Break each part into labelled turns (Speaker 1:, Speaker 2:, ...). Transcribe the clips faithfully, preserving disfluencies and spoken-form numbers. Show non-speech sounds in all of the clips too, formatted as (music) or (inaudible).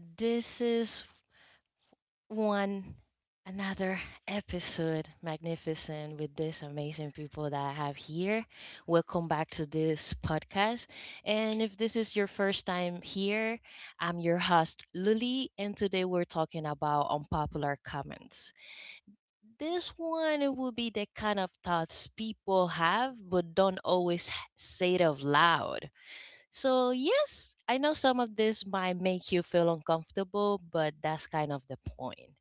Speaker 1: This is one another episode, magnificent, with these amazing people that I have here. Welcome back to this podcast. And if this is your first time here, I'm your host, Lily, and today we're talking about unpopular comments. This one it will be the kind of thoughts people have but don't always say it out loud, so yes, I know some of this might make you feel uncomfortable, but that's kind of the point,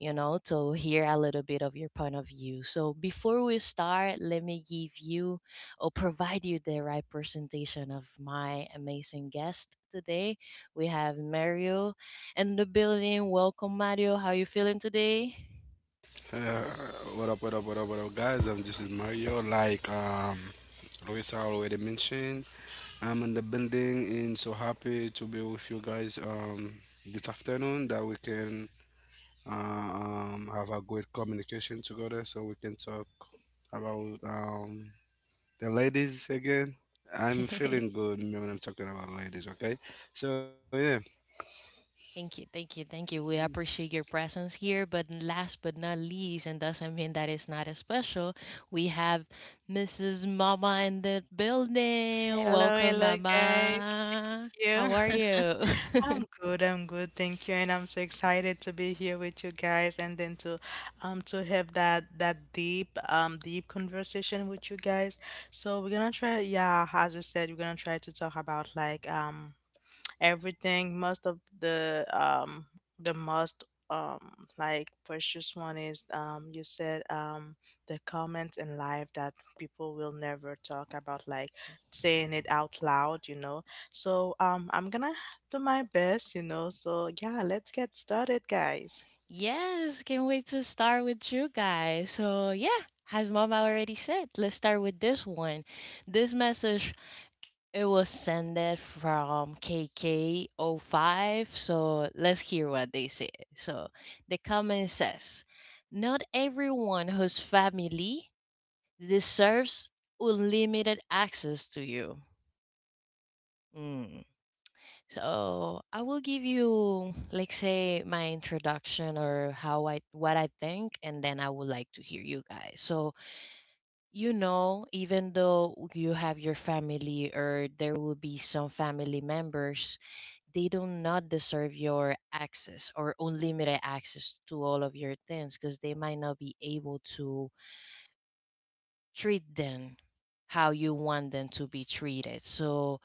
Speaker 1: you know, to hear a little bit of your point of view. So, before we start, let me give you or provide you the right presentation of my amazing guest today. We have Mario in the building. Welcome, Mario. How you feeling today?
Speaker 2: Uh, what up, what up, what up, what up, guys? I'm just Mario. Like um, Luis already mentioned, I'm in the building and so happy to be with you guys um, this afternoon that we can uh, um, have a good communication together so we can talk about um, the ladies again. I'm feeling
Speaker 1: (laughs)
Speaker 2: good when I'm talking about ladies, okay? So, yeah.
Speaker 1: Thank you, thank you, thank you. We appreciate your presence here. But last but not least, and doesn't mean that it's not as special, we have Missus Mama in the building.
Speaker 3: Hello,
Speaker 1: Welcome,
Speaker 3: hello guys.
Speaker 1: Mama. How
Speaker 3: You?
Speaker 1: are
Speaker 3: (laughs)
Speaker 1: you?
Speaker 3: I'm
Speaker 1: (laughs)
Speaker 3: good, I'm good, thank you. And I'm so excited to be here with you guys and then to um to have that that deep um deep conversation with you guys. So we're gonna try, yeah, as I said, we're gonna try to talk about like um everything. Most of the um the most um like precious one is, um you said, um the comments in life that people will never talk about, like saying it out loud, you know. So um I'm gonna do my best, you know. So yeah, let's get started guys.
Speaker 1: Yes, can't wait to start with you guys. So, yeah, as Mama already said, let's start with this one. This message, it was sended from K K zero five, so let's hear what they say. So the comment says, not everyone whose family deserves unlimited access to you. Mm. So I will give you, like, say, my introduction or how I what I think, and then I would like to hear you guys. So you know, even though you have your family or there will be some family members, they do not deserve your access or unlimited access to all of your things because they might not be able to treat them how you want them to be treated. So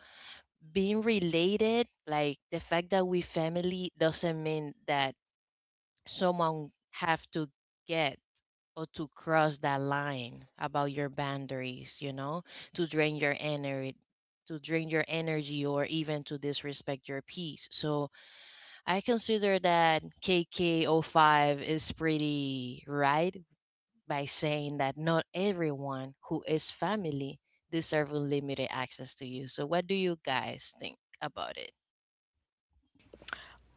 Speaker 1: being related, like the fact that we family doesn't mean that someone have to get or to cross that line about your boundaries, you know, to drain your energy to drain your energy or even to disrespect your peace. So I consider that K K O five is pretty right by saying that not everyone who is family deserve unlimited access to you. So what do you guys think about it?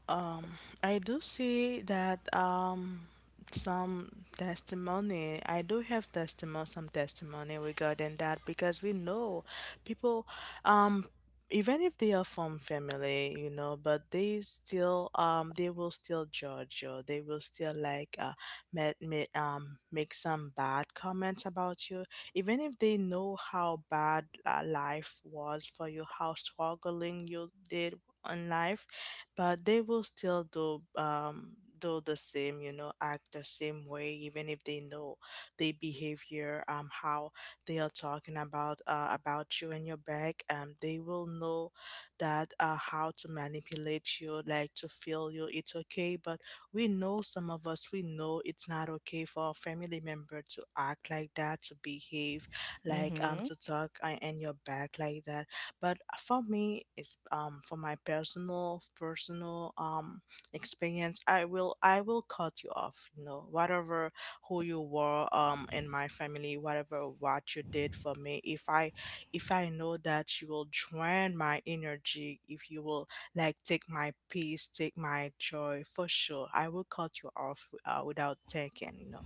Speaker 3: Um, I do see that um some testimony. I do have testimony, some testimony regarding that, because we know people, um, even if they are from family, you know, but they still um they will still judge you. They will still like uh make, make um make some bad comments about you, even if they know how bad uh, life was for you, how struggling you did in life, but they will still do um do the same, you know, act the same way, even if they know the behavior, um how they are talking about uh, about you and your back. Um they will know that, uh, how to manipulate you, like to feel you it's okay, but we know, some of us we know, it's not okay for a family member to act like that, to behave like um
Speaker 1: Mm-hmm.
Speaker 3: to talk, uh, in your back like that. But for me, it's um for my personal personal um experience. I will I will cut you off. You know, whatever who you were um in my family, whatever what you did for me. If I if I know that you will drain my energy, if you will like take my peace, take my joy, for sure, I will cut you off, uh, without thinking. You know.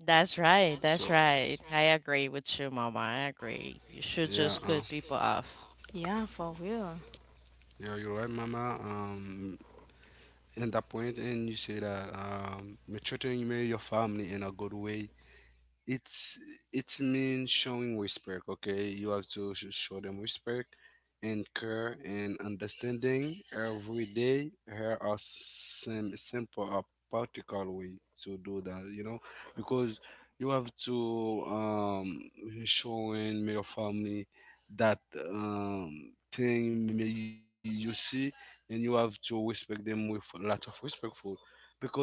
Speaker 1: That's right.
Speaker 2: So,
Speaker 1: That's right. I agree with you, Mama. I agree. You should
Speaker 2: yeah.
Speaker 1: just
Speaker 2: Uh,
Speaker 1: cut people off.
Speaker 3: Yeah, for real.
Speaker 2: yeah, you're right, Mama. Um, in that point, and you say that um, you're treating your family in a good way it's it's mean showing respect. Okay, you have to sh- show them respect and care and understanding every day. Here are some simple or practical way to do that, you know, because you have to um showing your family that um thing may you see, and you have to respect them with a lot of respectful, because the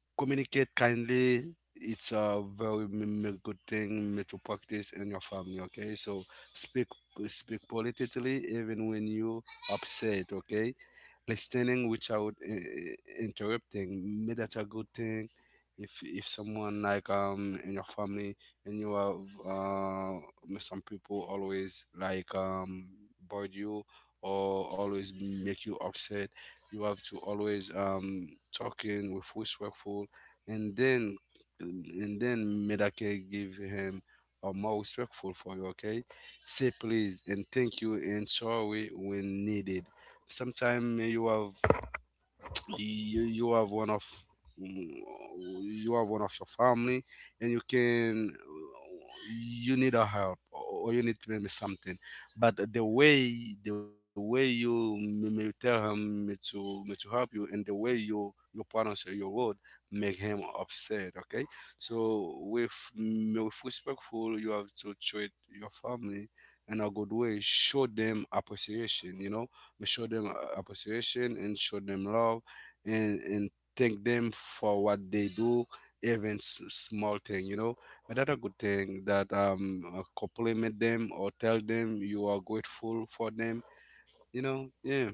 Speaker 2: communicate kindly. It's a very m- m- good thing m- to practice in your family. Okay, so speak speak politically even when you upset. Okay, listening without uh, interrupting. Maybe that's a good thing. If if someone like um in your family and you have uh some people always like um bored you or always make you upset, you have to always um talking with respectful, and then and then Medake give him a more respectful for you. Okay, say please and thank you and sorry when needed. Sometimes you have you, you have one of mm, you have one of your family, and you can you need a help or you need maybe something, but the way the way you may tell him me to me to help you, and the way you your you or your word make him upset, okay? So with mm, with respectful you have to treat your family in a good way. Show them appreciation, you know, show them uh, appreciation and show them love, and and thank them for what they do, even s- small thing, you know. But that's a good thing that um uh, compliment them or tell them you are grateful for them, you know. Yeah.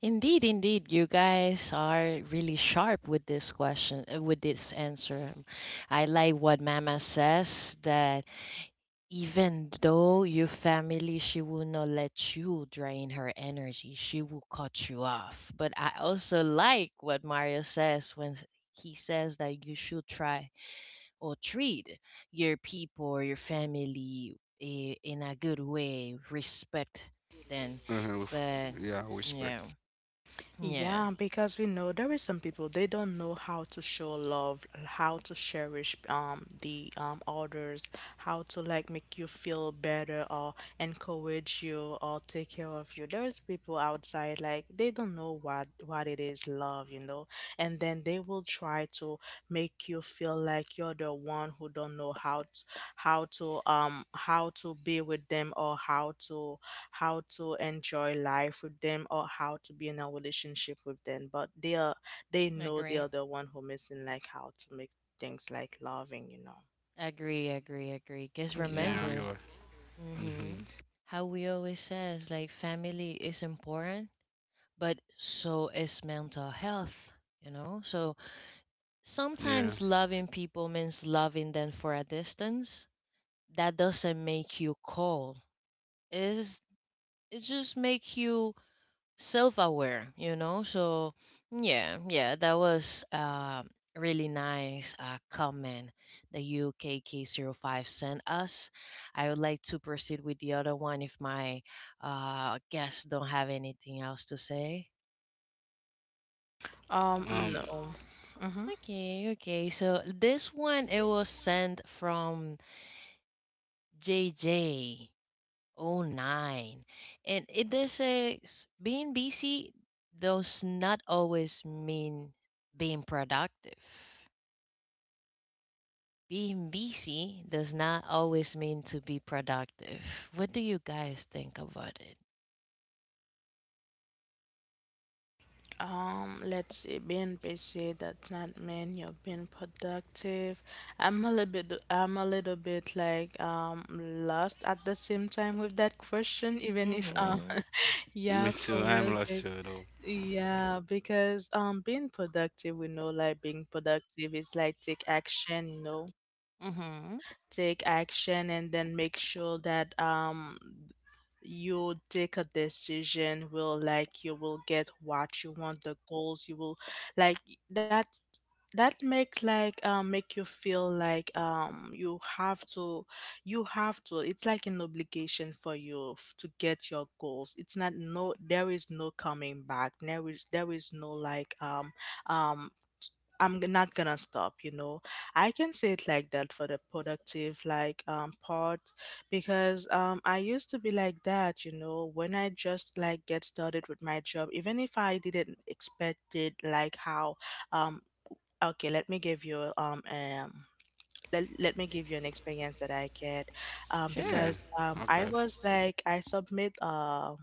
Speaker 1: Indeed, indeed, you guys are really sharp with this question, uh, with this answer. I like what Mama says that even though your family, she will not let you drain her energy, she will cut you off. But I also like what Mario says when s- he says that you should try or treat your people or your family i- in a good way, respect
Speaker 2: Uh-huh. With-
Speaker 1: them.
Speaker 2: yeah,
Speaker 1: But
Speaker 2: respect.
Speaker 1: yeah. Yeah.
Speaker 3: Yeah, because we know there is some people, they don't know how to show love, how to cherish um the um others, how to like make you feel better or encourage you or take care of you. There's people outside like they don't know what what it is love, you know, and then they will try to make you feel like you're the one who don't know how to, how to um how to be with them, or how to how to enjoy life with them, or how to be in a relationship with them, but they are, they know they
Speaker 1: Agree.
Speaker 3: are the one who missing, like how to make things like loving, you know.
Speaker 1: Agree, agree, agree. Because
Speaker 2: Yeah, you
Speaker 3: Yeah.
Speaker 2: are.
Speaker 1: remember,
Speaker 2: Mm-hmm.
Speaker 1: hmm how we always says, like family is important, but so is mental health, you know? So
Speaker 2: Yeah.
Speaker 1: sometimes loving people means loving them for a distance. That doesn't make you cold. It's, it just make you self-aware, you know so yeah, yeah, that was uh, really nice uh, comment the u k k oh five sent us. I would like to proceed with the other one if my uh, guests don't have anything else to say.
Speaker 3: Um
Speaker 2: um
Speaker 3: no. Hmm.
Speaker 1: Okay, okay, so this one it was sent from J J oh nine. And it does say s- being busy does not always mean being productive. Being busy does not always mean to be productive. What do you guys think about it?
Speaker 3: Um, let's see, being busy does not mean you're being productive. I'm a little bit, I'm a little bit like um lost at the same time with that question, even if um,
Speaker 1: Mm-hmm.
Speaker 3: (laughs)
Speaker 2: me
Speaker 3: yeah,
Speaker 2: too,
Speaker 3: for
Speaker 2: I'm
Speaker 3: real,
Speaker 2: lost
Speaker 3: guys.
Speaker 2: too though.
Speaker 3: Yeah, because um being productive, we know, like being productive is like take action, you know,
Speaker 1: Mm-hmm.
Speaker 3: take action and then make sure that um you take a decision, will like you will get what you want, the goals you will like, that, that make like um make you feel like, um you have to, you have to, it's like an obligation for you f- to get your goals. It's not, no, there is no coming back, there is there is no like um um I'm g- not gonna stop, you know. I can say it like that for the productive like um part, because um I used to be like that, you know, when I just like get started with my job, even if I didn't expect it, like how um okay, let me give you um um let, let me give you an experience that I get, um,
Speaker 2: Yeah.
Speaker 1: Sure.
Speaker 3: because um, I
Speaker 2: Okay.
Speaker 3: was like I submit a,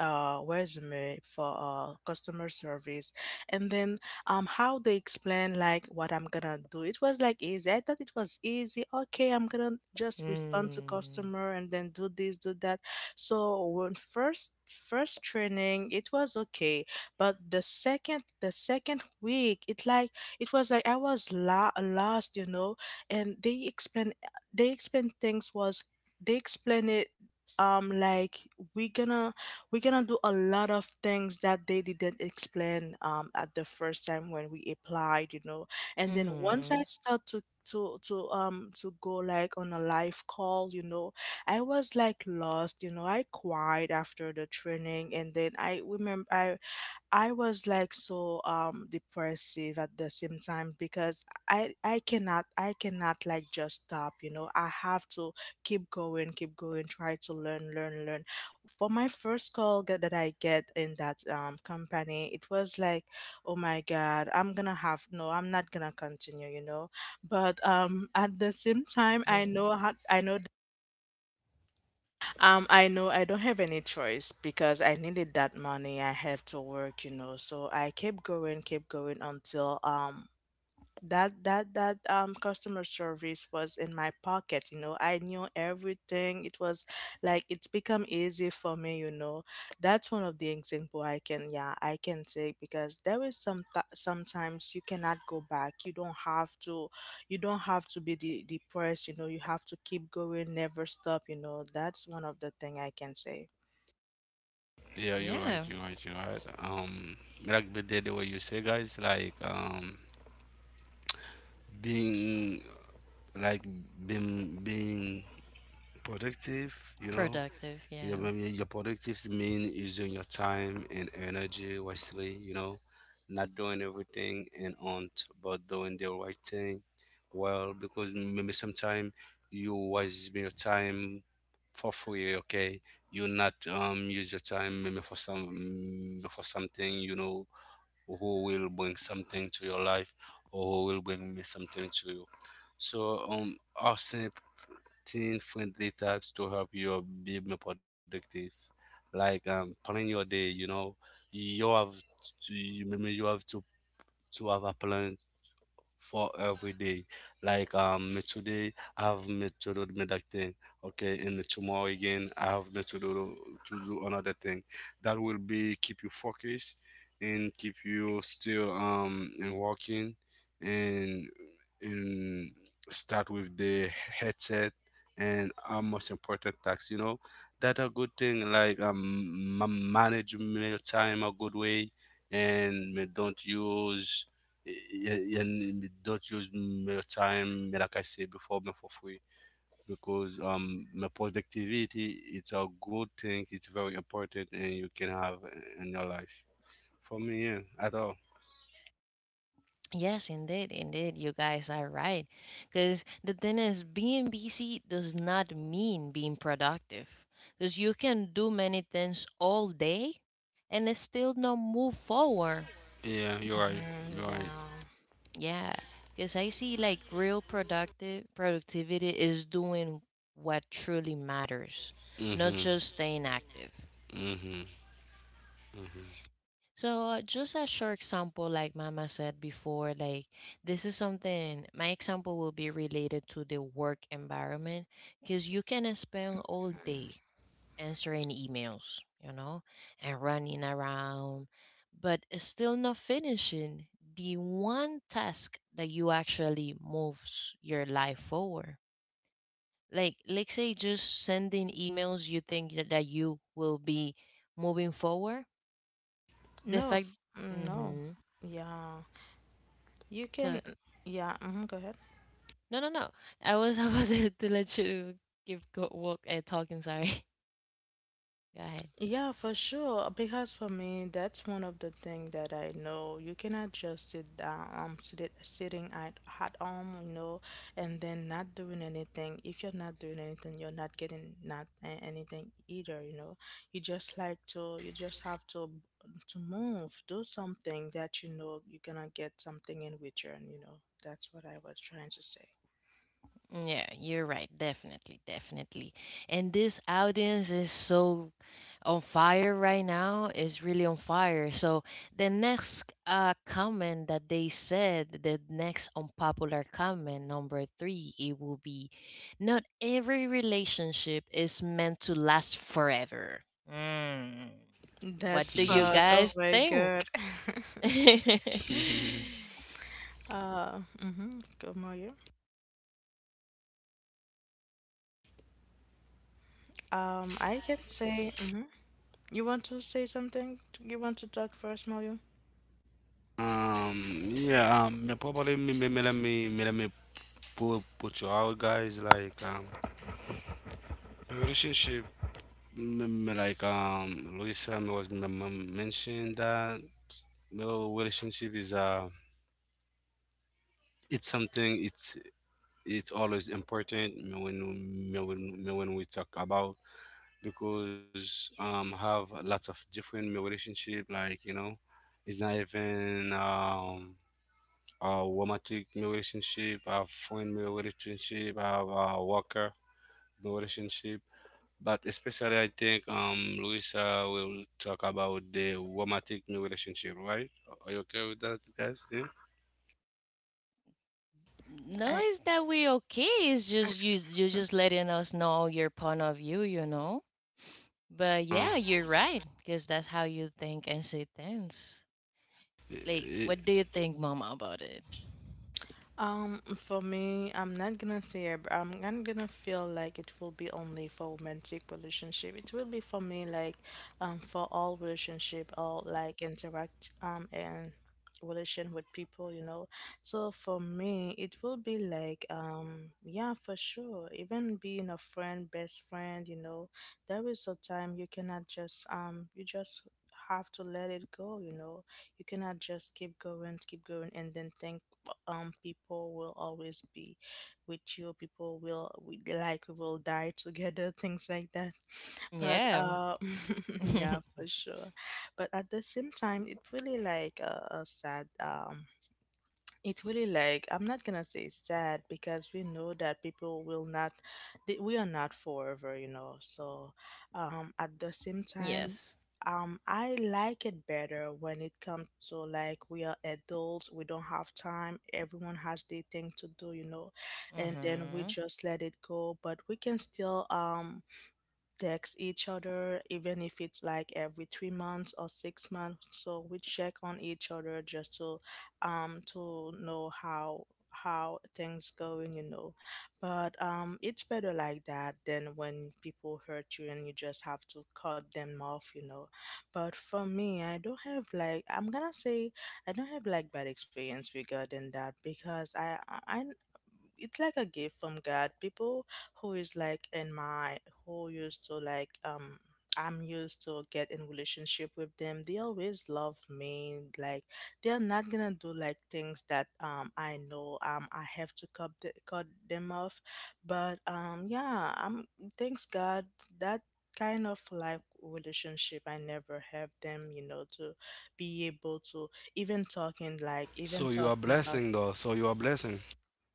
Speaker 3: a resume for, uh, customer service. And then, um, how they explain like what I'm gonna do, it was like easy, I thought it was easy. Okay, I'm gonna just respond to
Speaker 1: Mm.
Speaker 3: customer and then do this, do that. So when first, first training it was okay, but the second, the second week it like, it was like I was la- lost, you know. And they explain, they explain things was, they explain it um like, we gonna, we gonna do a lot of things that they didn't explain um at the first time when we applied, you know. And then once I
Speaker 1: Mm-hmm.
Speaker 3: start to to to um to go like on a live call, you know, I was like lost, you know. I cried after the training, and then I remember i I was like so um depressive at the same time because I I cannot, I cannot like just stop, you know. I have to keep going, keep going, try to learn, learn, learn. For my first call that, that I get in that um company, it was like, oh my God, I'm gonna have, no, I'm not gonna continue, you know. But um at the same time I
Speaker 1: Hmm.
Speaker 3: know how, I know, um, I know I don't have any choice because I needed that money. I have to work, you know. So I kept going, kept going until um that that that um customer service was in my pocket, you know. I knew everything. It was like, it's become easy for me, you know. That's one of the example I can, yeah, I can take, because there is some th- sometimes you cannot go back. You don't have to, you don't have to be de- depressed, you know. You have to keep going, never stop, you know. That's one of the thing I can say.
Speaker 2: Yeah, you're right, you're
Speaker 1: Yeah.
Speaker 2: right, you're right. Um, like the, the way you say, guys, like um, being like being being productive, you know,
Speaker 1: Productive,
Speaker 2: your, I
Speaker 1: yeah.
Speaker 2: mean, your productive mean using your time and energy wisely, you know, not doing everything and on, but doing the right thing. Well, because maybe sometimes you waste your time for free, okay? You not um use your time maybe for some mm, for something, you know, who will bring something to your life or who will bring me something to you. So um, our teen friendly types to help you be more productive, like um plan your day, you know. You have to you maybe you have to to have a plan for every day. Like um, me today I have me to do me that thing, okay, and tomorrow again I have me to do to do another thing. That will be keep you focused and keep you still um and working and and start with the headset and our most important tasks. You know that a good thing like um ma- manage your time a good way, and me don't use y- and me don't use my time me, like I said before, me for free, because um my productivity it's a good thing, it's very important, and you can have in your life. For me, yeah, at all.
Speaker 1: Yes, indeed, indeed, you guys are right. Because the thing is, being busy does not mean being productive. Because you can do many things all day and it's still not move forward.
Speaker 2: Yeah, you're right,
Speaker 3: Hmm,
Speaker 2: you're right.
Speaker 3: yeah.
Speaker 1: Yeah, because I see like real productive productivity is doing what truly matters, not
Speaker 2: Mm-hmm.
Speaker 1: just staying active.
Speaker 2: Mm-hmm.
Speaker 1: So uh, just a short example, like Mama said before, like this is something. My example will be related to the work environment, because you can spend all day answering emails, you know, and running around, but it's still not finishing the one task that you actually moves your life forward. Like, let's say just sending emails, you think that, that you will be moving forward. The
Speaker 3: no
Speaker 1: fact,
Speaker 3: f- mm, no.
Speaker 1: mm-hmm.
Speaker 3: Yeah. You
Speaker 1: So
Speaker 3: can. Yeah, mhm, go ahead.
Speaker 1: no, no, no. I was (laughs) about to, to let you give go, walk uh, talking. Sorry. (laughs) Go ahead.
Speaker 3: Yeah, for sure. Because for me, that's one of the things that I know. You cannot just sit down, um, sit, sitting at at home, you know, and then not doing anything. If you're not doing anything, you're not getting not a- anything either, you know. You just like to, you just have to to move, do something that you know you're gonna get something in return, you know. That's what I was trying to say.
Speaker 1: Yeah, you're right. Definitely, definitely. And this audience is so on fire right now. It's really on fire. So the next uh comment that they said, the next unpopular comment number three, it will be, not every relationship is meant to last forever. Mm. What
Speaker 3: That's
Speaker 1: do you
Speaker 3: part.
Speaker 2: Mm-hmm.
Speaker 3: Oh
Speaker 1: guys
Speaker 3: my
Speaker 1: think?
Speaker 3: God.
Speaker 1: (laughs) No,
Speaker 2: (laughs)
Speaker 3: (laughs) uh, mm-hmm. Good morning. Um, I can say, hmm, you want to say something? You want to talk first, Mario?
Speaker 2: Um, yeah, um, me- probably me, me, me, let me, me, let me put, put you out, guys. Like, um, relationship. Mm, like um Luisa m- was m- m- mentioned that you relationship is uh it's something, it's it's always important when when when we talk about, because um have lots of different relationship, like, you know, it's not even um a romantic relationship, a friend relationship, a, a worker relationship. But especially, I think um, Luisa will talk about the romantic new relationship, right? Are you okay with that, guys? Yeah.
Speaker 3: I.
Speaker 1: it's that we okay. It's just you you
Speaker 3: (laughs)
Speaker 1: just letting us know your point of view, you know. But
Speaker 2: Uh,
Speaker 1: yeah, you're right because that's how you think and see things. Like,
Speaker 2: y-
Speaker 1: what do you think, Mama, about it?
Speaker 3: Um, for me, I'm not gonna say ab- I'm not gonna feel like it will be only for romantic relationship. It will be for me like um for all relationship, or like interact um and relation with people, you know. So for me, it will be like, um yeah, for sure. Even being a friend, best friend, you know, there is a time you cannot just um you just have to let it go, you know. You cannot just keep going, keep going and then think um people will always be with you, people will we, like we will die together, things like that. But
Speaker 1: Yeah.
Speaker 3: uh (laughs) yeah,
Speaker 1: (laughs)
Speaker 3: for sure. But at the same time it really like a, a sad, um it really like, I'm not gonna say sad, because we know that people will not, that we are not forever, you know. So um at the same time,
Speaker 1: Yes.
Speaker 3: um I like it better when it comes to like, we are adults, we don't have time, everyone has their thing to do, you know, and then we
Speaker 1: Mhm.
Speaker 3: just let it go, but we can still um text each other, even if it's like every three months or six months. So we check on each other, just to um to know how how things going, you know. But um it's better like that than when people hurt you and you just have to cut them off, you know. But for me, I don't have like, I'm gonna say I don't have like bad experience regarding that, because I I I- it's like a gift from God. People who is like in my, who used to like um I'm used to get in relationship with them. They always love me. Like they're not gonna do like things that um I know um I have to cut the, cut them off. But um yeah, I'm, thanks God, that kind of like relationship I never have them. You know, to be able to even talking,
Speaker 2: so
Speaker 3: like
Speaker 2: you are
Speaker 3: even
Speaker 2: blessing,
Speaker 3: talking
Speaker 2: though.
Speaker 3: about,
Speaker 2: So you are blessing.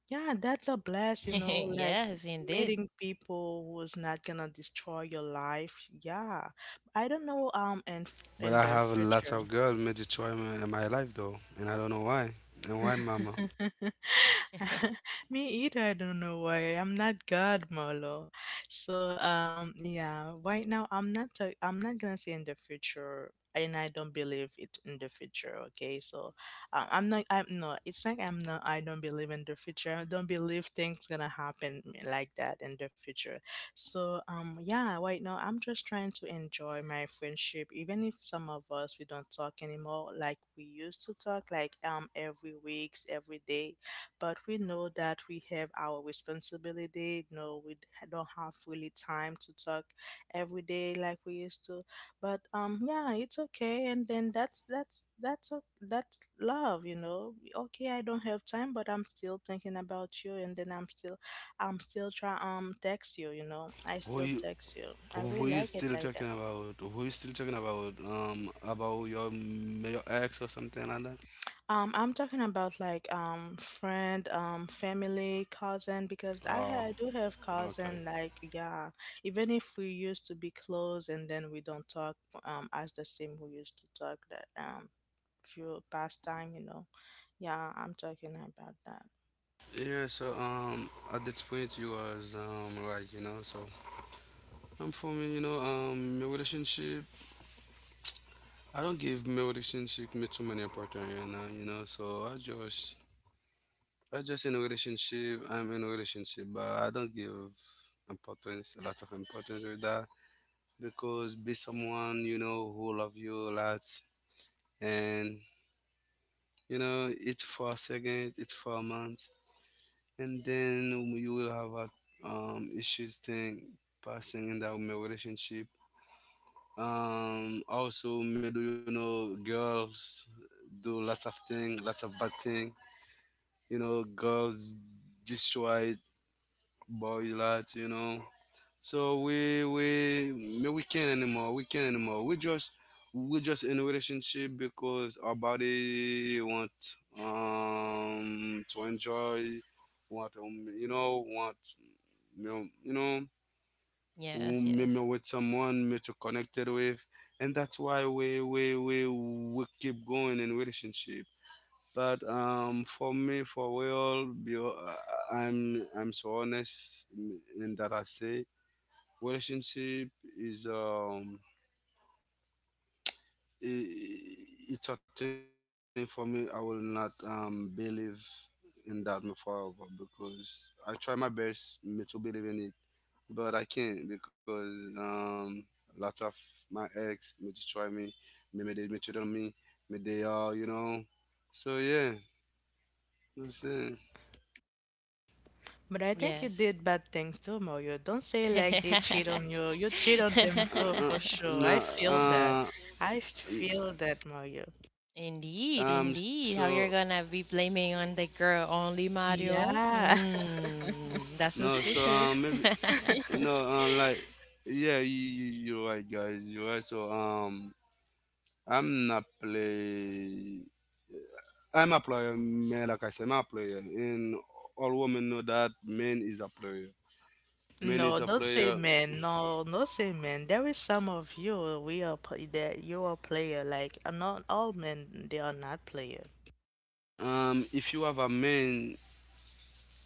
Speaker 3: yeah, that's a
Speaker 1: (laughs)
Speaker 3: blast, you know, like
Speaker 1: Yes, indeed.
Speaker 3: meeting people who's not gonna destroy your life. Yeah. I don't know, um, in f-
Speaker 2: But I
Speaker 3: in the
Speaker 2: have lots of
Speaker 3: future.
Speaker 2: girls made a choice in in my life, though, and I don't know why. And why, Mama?
Speaker 3: (laughs)
Speaker 1: (laughs)
Speaker 3: Me either. I don't know why. I'm not God, Marlo. So um, yeah. Right now, I'm not. i I'm not gonna say in the future, and I don't believe it in the future. Okay, so um, I'm not. I'm no. It's like I'm not. I don't believe in the future. I don't believe things gonna happen like that in the future. So um yeah, right now I'm just trying to enjoy my friendship, even if some of us we don't talk anymore like we used to talk like um every weeks, every day. But we know that we have our responsibility, no, we d- don't have really time to talk every day like we used to. But um yeah, it's okay and then that's that's that's o- that's love, you know. Okay, I don't have time but I'm still thinking about you and then I'm still I'm still trying um text you, you know. I
Speaker 2: Who
Speaker 3: still
Speaker 2: you?
Speaker 3: text you. I
Speaker 2: Who
Speaker 3: really
Speaker 2: you
Speaker 3: like it
Speaker 2: still
Speaker 3: like that.
Speaker 2: talking about? Who you still talking about? Um, about your your ex or something like that?
Speaker 3: Um I'm talking about like um friend, um family, cousin because I
Speaker 2: Oh,
Speaker 3: ha- I do have
Speaker 2: okay.
Speaker 3: cousin like yeah, even if we used to be close and then we don't talk um as the same we used to talk that um few past time, you know. Yeah, I'm talking about that.
Speaker 2: Yeah. So um, at that point you was um right, you know. So Um, for me, you know, um, my relationship, I don't give my relationship me too many opportunity right now, you know. So I just, I just in a relationship. I'm in a relationship, but I don't give importance, a lot of importance with that, because be someone you know who love you a lot, and you know it's for a second, it's for a month, and then you will have a um issues thing passing in that my relationship. Um, also, middle, you know, girls do lots of thing, lots of bad thing. You know, girls destroy boy lot. You know, so we we me- we can't anymore. We can't anymore. We just we just in a relationship because our body want um to enjoy, want um you know want, you know, you know, w-
Speaker 1: Yes,
Speaker 2: maybe
Speaker 1: yes,
Speaker 2: with someone maybe to connected with, and that's why we we we, we keep going in relationship. But um for me for real be- uh, i'm I'm so honest in that I say relationship is um I it's a thing for me. I will not um believe in that me forever, because I try my best me to believe in it, but I can't, because um, lots of my ex may destroy me, maybe they may cheat on me, maybe they are, you know. So yeah, that's it.
Speaker 3: But I think you did bad things too, Mario. Don't say like they cheat
Speaker 1: yes.
Speaker 3: on you. You cheat
Speaker 2: Uh,
Speaker 3: on them
Speaker 2: uh, uh,
Speaker 3: too, for sure. I feel
Speaker 2: no.
Speaker 3: that.
Speaker 1: (laughs)
Speaker 3: I feel that, Mario.
Speaker 2: uh, um,
Speaker 1: Indeed,
Speaker 2: so
Speaker 1: indeed. How you're gonna be blaming on the girl only, Mario?
Speaker 3: Yeah.
Speaker 2: no,
Speaker 1: Mm, that's
Speaker 2: so um, maybe
Speaker 1: suspicious.
Speaker 2: no,
Speaker 3: (laughs)
Speaker 2: um, like
Speaker 1: (laughs)
Speaker 2: yeah, you, you you're right, guys, you're right. So um, I'm not play. I'm a player, man. Like I said, I'm a player, and all women know that man is a player. Man is a
Speaker 3: No, don't
Speaker 2: player.
Speaker 3: say man. No, no say man. There is some of you we are play that you are player. Like uh, not all men, they are not player.
Speaker 2: Um, if you have a man,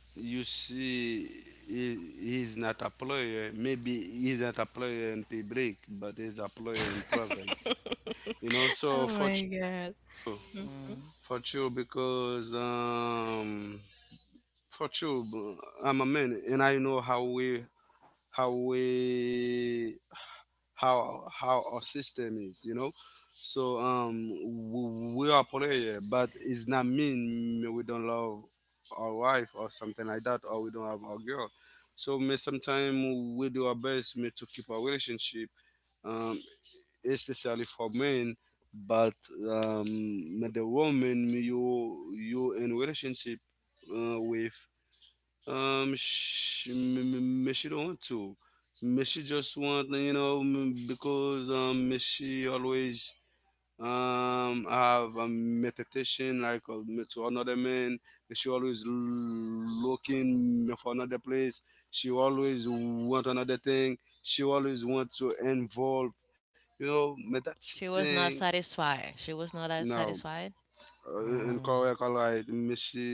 Speaker 2: you see he, he's not a player. Maybe he's not a player in public, but he's a player in private. You know,
Speaker 3: (laughs)
Speaker 2: so for ch-
Speaker 3: Oh my God. Mm-hmm.
Speaker 2: for
Speaker 1: Mm.
Speaker 2: you, because um for you, I'm a man and I know how we how we how how our system is, you know. So um w- we are prayer, but it's not mean we don't love our wife or something like that, or we don't have our girl. So may sometimes we do our best may to keep our relationship, um especially for men. But um may the woman may you you in relationship uh, with um, she, m- m- she don't want to. M- She just want, you know, m- because um, me she always um have a meditation like uh, me to another man. Me She always l- looking me for another place. She always want another thing. She always want to involve. You know, but that's the
Speaker 1: She was
Speaker 2: thing.
Speaker 1: not satisfied. She was not that
Speaker 2: No,
Speaker 1: satisfied.
Speaker 2: uh, and
Speaker 1: Mm.
Speaker 2: correct all right Messi,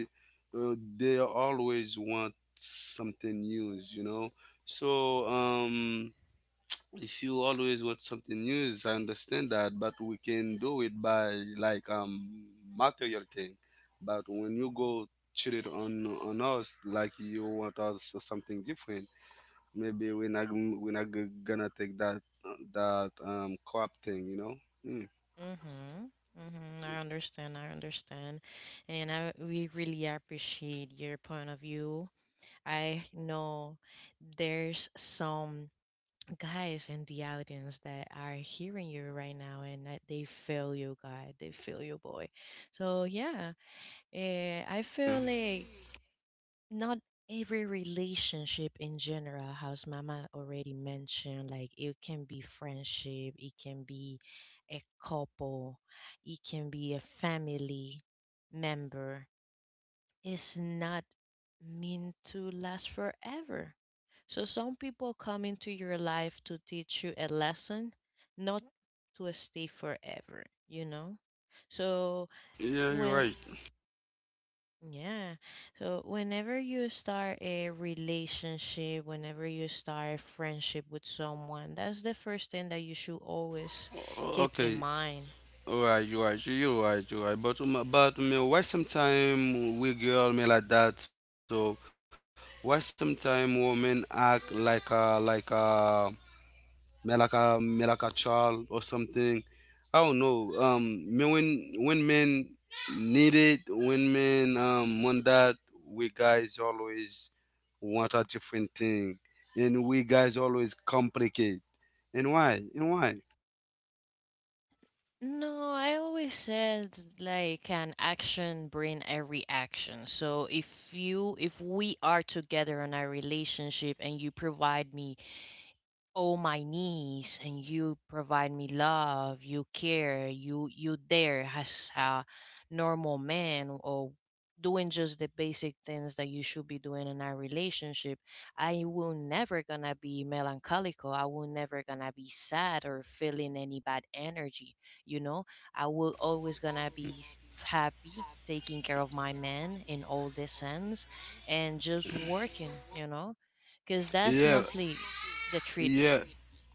Speaker 2: uh, they always want something new, you know. So um if you always want something new, I understand that, but we can do it by like um material thing. But when you go cheat it on on us like you want us something different, maybe we're not we're not g- gonna take that that um crop thing, you know. Mm.
Speaker 1: Mhm. Mhm. I understand. I understand, and I we really appreciate your point of view. I know there's some guys in the audience that are hearing you right now and that they feel you guy, they feel you boy, so yeah, eh, i feel like not every relationship in general, as Mama already mentioned, like it can be friendship, it can be a couple, it can be a family member, is not meant to last forever. So some people come into your life to teach you a lesson, not to stay forever, you know? So
Speaker 2: Yeah, you're
Speaker 1: when
Speaker 2: right.
Speaker 1: yeah, so whenever you start a relationship, whenever you start a friendship with someone, that's the first thing that you should always
Speaker 2: O-
Speaker 1: keep in
Speaker 2: okay.
Speaker 1: mind.
Speaker 2: Alright, you right, you you right, you right. But um, but me, why sometime we girl me like that? So why sometime women act like a like a me like a me like a child or something? I don't know. Um, me when when men need it, when men um want that, we guys always want a different thing, and we guys always complicate. And why? And why?
Speaker 1: No, I always said like an action bring a reaction. So if you if we are together in our relationship and you provide me, oh my niece, and you provide me love, you care, you you there as a normal man or doing just the basic things that you should be doing in our relationship. I will never gonna be melancholical. I will never gonna be sad or feeling any bad energy. You know, I will always gonna be s- happy, taking care of my man in all the sense, and just working. You know, because that's
Speaker 2: Yeah.
Speaker 1: mostly the
Speaker 2: Yeah,
Speaker 1: treatment.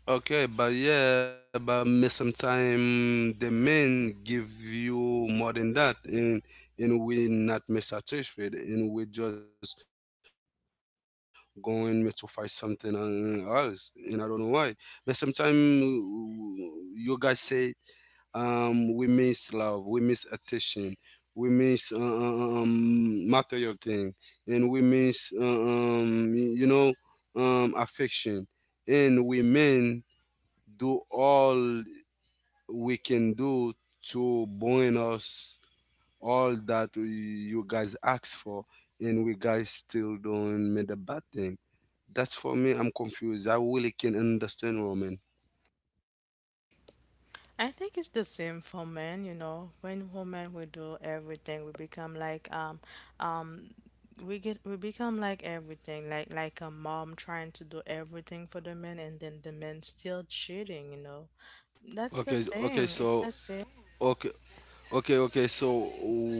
Speaker 2: okay, but yeah, but me sometimes the men give you more than that, and and we not me satisfied, and we just going me to find something uh, else, and I don't know why. But sometimes you guys say, um, we miss love, we miss attention, we miss uh, uh, uh, um material thing, and we miss uh, um you know um affection, and we men do all we can do to bring us all that we, you guys asked for, and we guys still don't made a bad thing. That's for me. I'm confused. I really can understand women.
Speaker 3: I think it's the same for men, you know. When women we do everything, we become like um um we get we become like everything, like like a mom trying to do everything for the men and then the men still cheating, you know.
Speaker 2: Okay,
Speaker 3: That's the
Speaker 2: okay,
Speaker 3: same.
Speaker 2: so
Speaker 3: It's the same.
Speaker 2: okay, okay, okay. So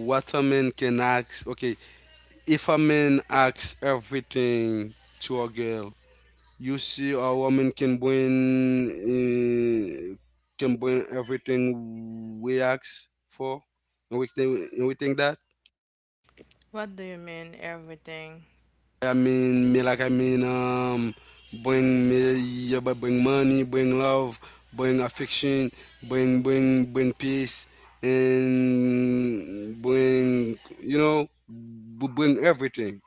Speaker 2: what a man can ask? Okay, if a man asks everything to a girl, you see, a woman can bring uh, can bring everything we ask for, and we think and we think that.
Speaker 3: What do you mean everything?
Speaker 2: I mean, me like I mean, um, bring me, yeah, but bring money, bring love, bring affection, bring bring bring peace, and bring you know, b- bring everything.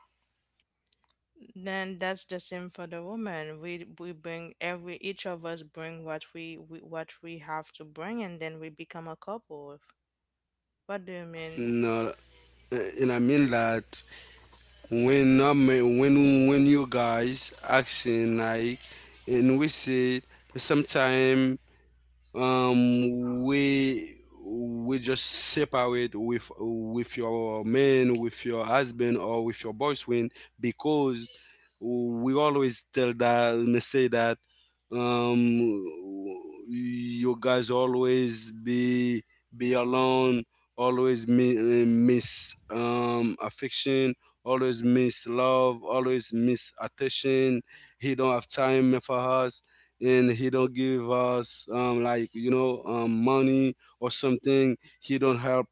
Speaker 3: Then that's the same for the woman. We we bring every each of us bring what we, we what we have to bring and then we become a couple. What do you mean
Speaker 2: No. Eh, and I mean that when I mean, when when you guys asking, like, and we said sometime, um we we just separate with with your man, with your husband, or with your boyfriend, because we always tell that and say that, um you guys always be be alone, always mi- uh, miss um affection, always miss love, always miss attention. He don't have time for us, and he don't give us, um like, you know um money or something. He don't help,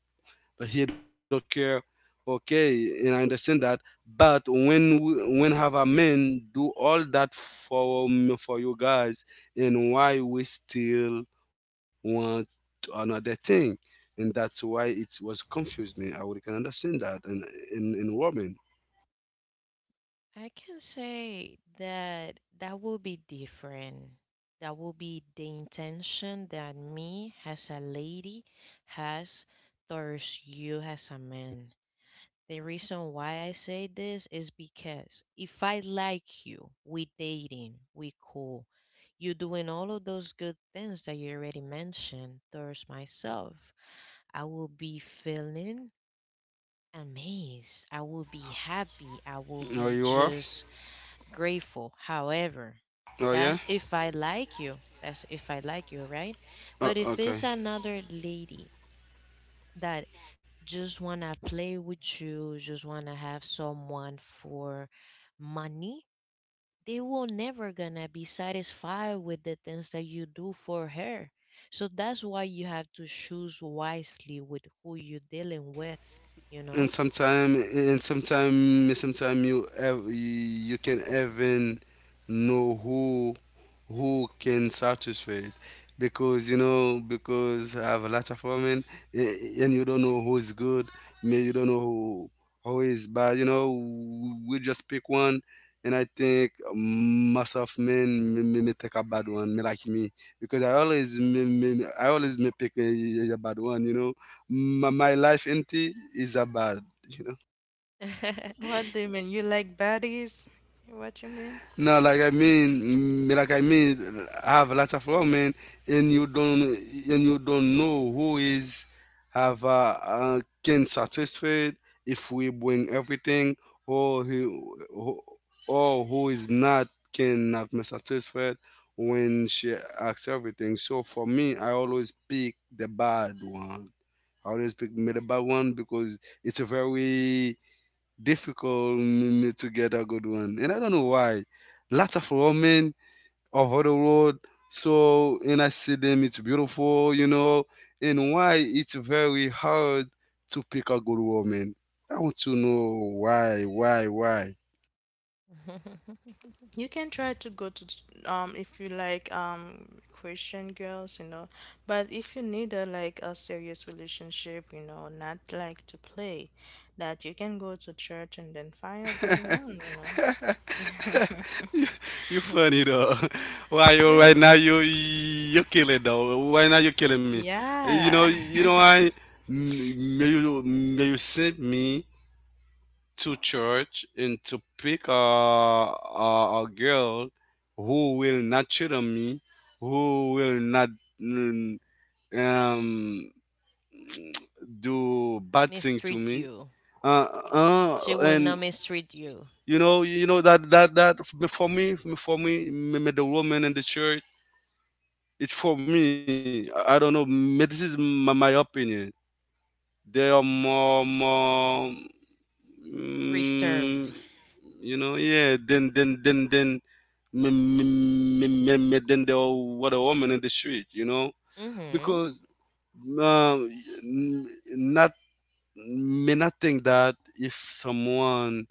Speaker 2: but he don't care. Okay, and I understand that. But when we, when have a man do all that for, um, for you guys, and why we still want another thing? And that's why it was confused me. I would can understand that, and in in woman.
Speaker 1: I can say that that will be different. That will be the intention that me as a lady has towards you as a man. The reason why I say this is because if I like you, we dating, we cool, you doing all of those good things that you already mentioned towards myself, I will be feeling amazed. I will be happy. I will
Speaker 2: Oh,
Speaker 1: be
Speaker 2: you are.
Speaker 1: just grateful. However,
Speaker 2: Oh yeah.
Speaker 1: that's if I like you. That's if I like you, right?
Speaker 2: Oh,
Speaker 1: But if it's
Speaker 2: okay.
Speaker 1: another lady that just wanna play with you, just wanna have someone for money, they will never gonna be satisfied with the things that you do for her. So that's why you have to choose wisely with who you're dealing with, you
Speaker 2: And
Speaker 1: know?
Speaker 2: sometime and sometime sometime you ev- you can even know who who can satisfy it, because, you know, because I have a lot of women, a- and you don't know who's good, may you don't know who who is bad, you know. We just pick one. And I think most of men may, may, may take a bad one, may like me, because I always may, may, I always may pick a, a bad one, you know. My, my life empty is a bad, you know.
Speaker 3: What do you
Speaker 1: (laughs)
Speaker 3: mean? You like baddies? What you
Speaker 2: No,
Speaker 3: mean?
Speaker 2: like i mean mm, like i mean I have lots of women, and you don't and you don't know who is have, uh, uh can satisfied, if we bring everything, or who who- or who is not, cannot be satisfied when she asks everything. So for me, I always pick the bad one. I always pick made a bad one because it's a very difficult, mm, to get a good one. And I don't know why. Lots of women over the road. So, and I see them, it's beautiful, you know, and why it's very hard to pick a good woman. I want to know why, why, why.
Speaker 1: (laughs)
Speaker 3: You can try to go to um if you like um Christian girls, you know, but if you need a like a serious relationship, you know, not like to play, that you can go to church and then find a good one, you know. (laughs)
Speaker 2: You funny though. (laughs) Why you right
Speaker 1: the
Speaker 2: now you you killing though? Why now you killing me? You
Speaker 3: Yeah.
Speaker 2: know, you know why? May you may you send me to church and to pick a, a, a girl who will not cheat on me, who will not, mm, um, do bad thing to
Speaker 1: Mistreat
Speaker 2: me.
Speaker 1: you.
Speaker 2: Uh, uh,
Speaker 1: She will not
Speaker 2: and
Speaker 1: mistreat you.
Speaker 2: you know, you know that, that that for me, for me, me the woman in the church. It's for me. I I don't know. me- This is my, my opinion. They are more, more,
Speaker 1: Reserve.
Speaker 2: mm, you know. Yeah, then then then then me, me, me, me, me, then there were a woman in the street, you know,
Speaker 1: Hmm.
Speaker 2: because, um, n- not, may not think that if someone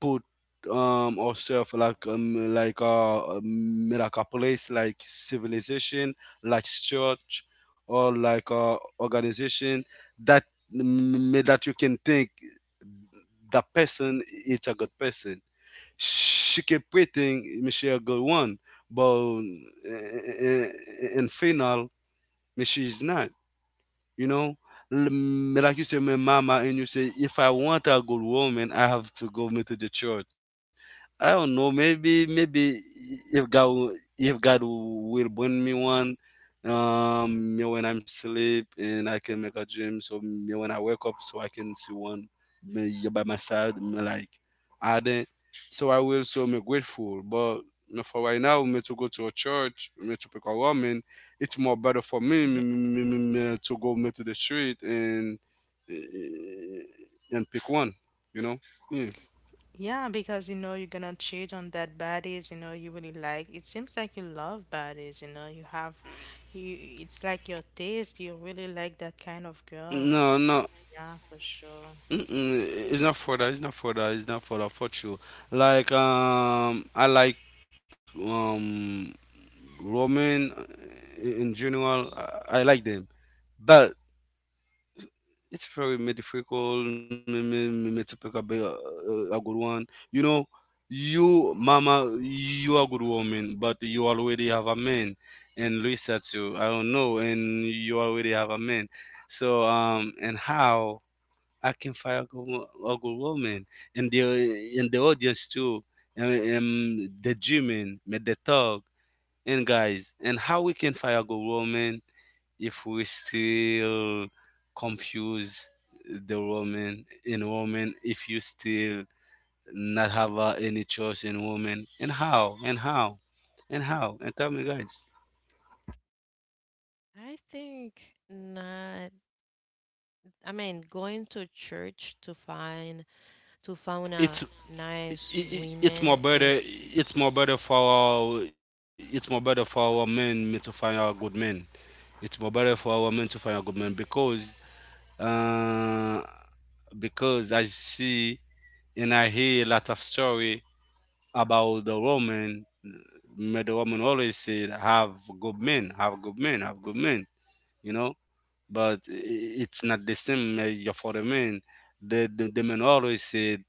Speaker 2: put, um herself like, um like uh um, like a place, like civilization, like church, or like a organization, that m- m- that you can think the person is a good person. She interpreting Michelle go one, but in, in final, she is not, you know. L- m- like you say, my mama, and you say if I want a good woman, I have to go me to the church. I don't know, maybe maybe if god will- if God will bring me one, um me when I'm asleep, and I can make a dream, so me when I wake up, so I can see one, me you by my side, me like, I didn't. So I will, so me grateful. But me for right now, me to go to a church, me to pick a woman, it's more better for me, me,
Speaker 1: (laughs)
Speaker 2: me, me, me, to go me to the street and, eh, and pick one, you know? Yeah.
Speaker 3: Yeah, because you know you're gonna cheat on that baddies, you know, you really like. It seems like you love baddies, you know, you have you it's like your taste, you really like that kind of girl.
Speaker 2: No, no.
Speaker 3: Yeah, for sure.
Speaker 2: Mm-mm. It's not for that. It's not for that. It's not for that. For sure. Like, um, I like, um Roman, uh, in in general. I I like them, but it's very metaphorical, me- me- me- me to pick a good one. You know, you, mama, you are a good woman, but you already have a man. And Luisa too, I don't know, and you already have a man. So, um, and how I can find a good, wo- a good woman. And the, in the audience too, and, and the German, the dog, and guys, and how we can find a good woman if we still confuse the woman in woman, if you still not have, uh, any choice in woman, and how, and how, and how, and tell me, guys.
Speaker 1: I think not. I mean, going to church to find to find
Speaker 2: It's
Speaker 1: a nice
Speaker 2: i- i- it's
Speaker 1: woman
Speaker 2: more better.
Speaker 1: is,
Speaker 2: It's more better for our, it's more better for our men to find our good men. It's more better for our men to find our good men, because uh, because I see and I hear a lot of story about the woman. But the woman always said, "Have good men, have good men, have good men," you know. But i- i- it's not the same, uh, your for the men. The, the the men always said,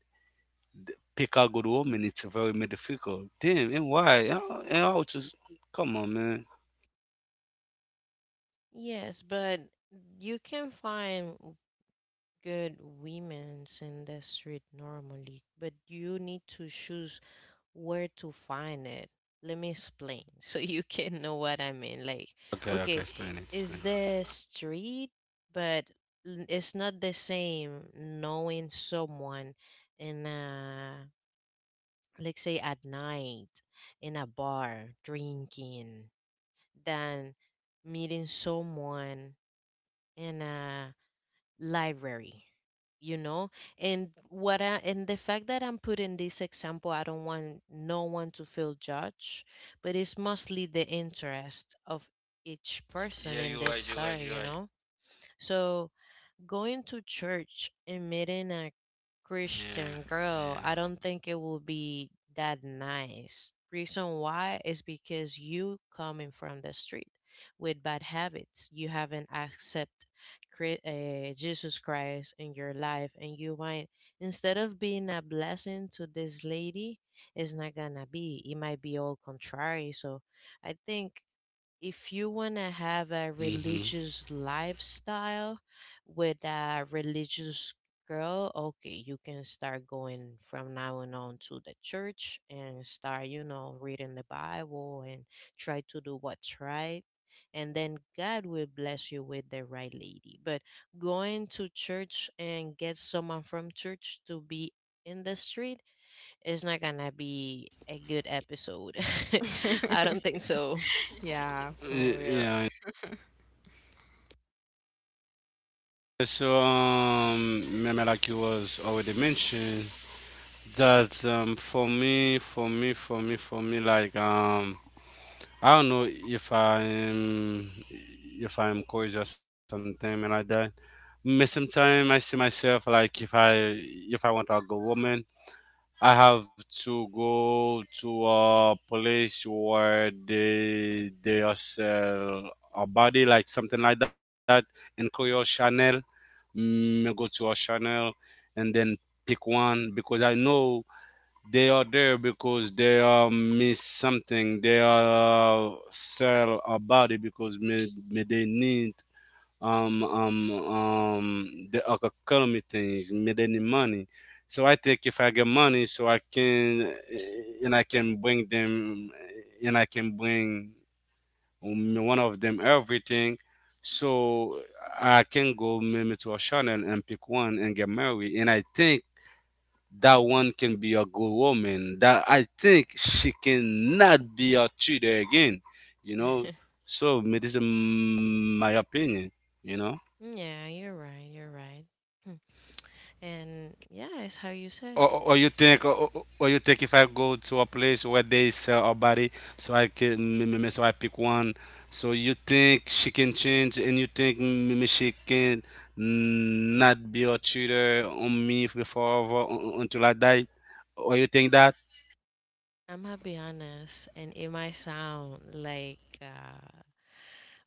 Speaker 2: "Pick a good woman." It's very difficult. Damn, and why? Uh, And I was just, come on, man.
Speaker 1: yes, but you can find good women's in the street normally, but you need to choose where to find it. Let me explain (laughs) so you can know what I mean. Like,
Speaker 2: Okay, okay,
Speaker 1: okay,
Speaker 2: explain it,
Speaker 1: is
Speaker 2: explain
Speaker 1: the street, but n- it's not the same knowing someone in a, let's say, at night in a bar drinking than meeting someone in a library, you know. And what I, and the fact that I'm putting this example, I don't want no one to feel judged, but it's mostly the interest of each
Speaker 2: it.
Speaker 1: person
Speaker 2: Yeah,
Speaker 1: in
Speaker 2: you're
Speaker 1: this
Speaker 2: right, you're right,
Speaker 1: story, you
Speaker 2: you're right.
Speaker 1: know. So going to church and meeting a
Speaker 2: Yeah,
Speaker 1: Christian girl, I don't think it will be that nice. Reason why is because you coming from the street with bad habits. You haven't accepted uh, Jesus Christ in your life, and you might, instead of being a blessing to this lady, it's not gonna be. It might be all contrary. So I think
Speaker 2: yeah.
Speaker 1: if you
Speaker 2: Mhm.
Speaker 1: want to have a religious lifestyle with a religious girl, okay, you can start going from now and on to the church and start, you know, reading the Bible and try to do what's right. And then God will bless you with the right lady. But going to church and get someone from church to be in the street is not gonna be a good episode. (laughs) I don't think
Speaker 3: (laughs)
Speaker 1: so.
Speaker 2: Y-
Speaker 3: Yeah,
Speaker 2: Yeah.
Speaker 3: for real.
Speaker 2: So, um, remember, like you was already mentioned, that, um for me, for me, for me, for me, like, um I don't know if I'm if I'm courage or something and like that. But sometimes I see myself like if I if I want a good woman, I have to go to a place where they they are sell a body, like something like that, and call your Chanel. Mm, go to a Chanel and then pick one, because I know they are there because they are miss something. They are sell a body because may, may they need, um um um the economy things. May they need money. So I think if I get money, so I can, eh, and I can bring them, and I can bring one of them everything. So I can go maybe to a channel and pick one and get married. And I think that one can be a good woman, that I think she cannot be a cheater again, you know.
Speaker 1: (laughs)
Speaker 2: So, me- this is my opinion, you know.
Speaker 1: Yeah, you're right. You're right. Hmm. And yeah, it's how you
Speaker 2: or, or
Speaker 1: said.
Speaker 2: you think or, or or you think if I go to a place where they sell a body, so I can, me- me- me- so I pick one, so you think she can change, and you think, me- me she can not be a cheater on me for forever, un- until I die, or you think that.
Speaker 1: I'm gonna be honest, and it might sound like uh,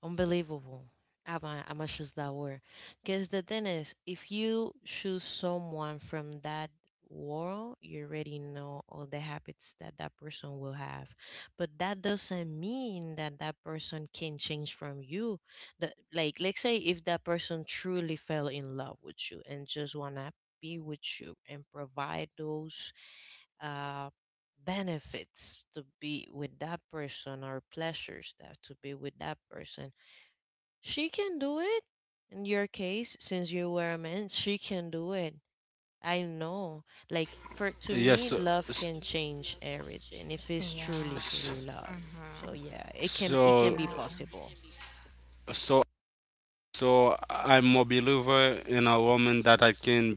Speaker 1: unbelievable. I'm I'm gonna choose that word. Because the thing is, if you choose someone from that world, you already know all the habits that that person will have. But that doesn't mean that that person can change from you. The, like, let's say if that person truly fell in love with you and just wanna be with you and provide those uh, benefits to be with that person or pleasures that to be with that person she can do it. In your case, since you were a man, she can do it. I know. Like for
Speaker 2: Yes.
Speaker 1: to
Speaker 2: So,
Speaker 1: me,
Speaker 2: s-
Speaker 1: love can change everything if it's
Speaker 2: s-
Speaker 1: truly,
Speaker 3: Yeah.
Speaker 1: truly love. So
Speaker 3: Mm-hmm.
Speaker 1: yeah, it can
Speaker 2: so,
Speaker 1: it can be
Speaker 3: Yeah.
Speaker 1: possible.
Speaker 2: so, so I'm a believer in a woman that I can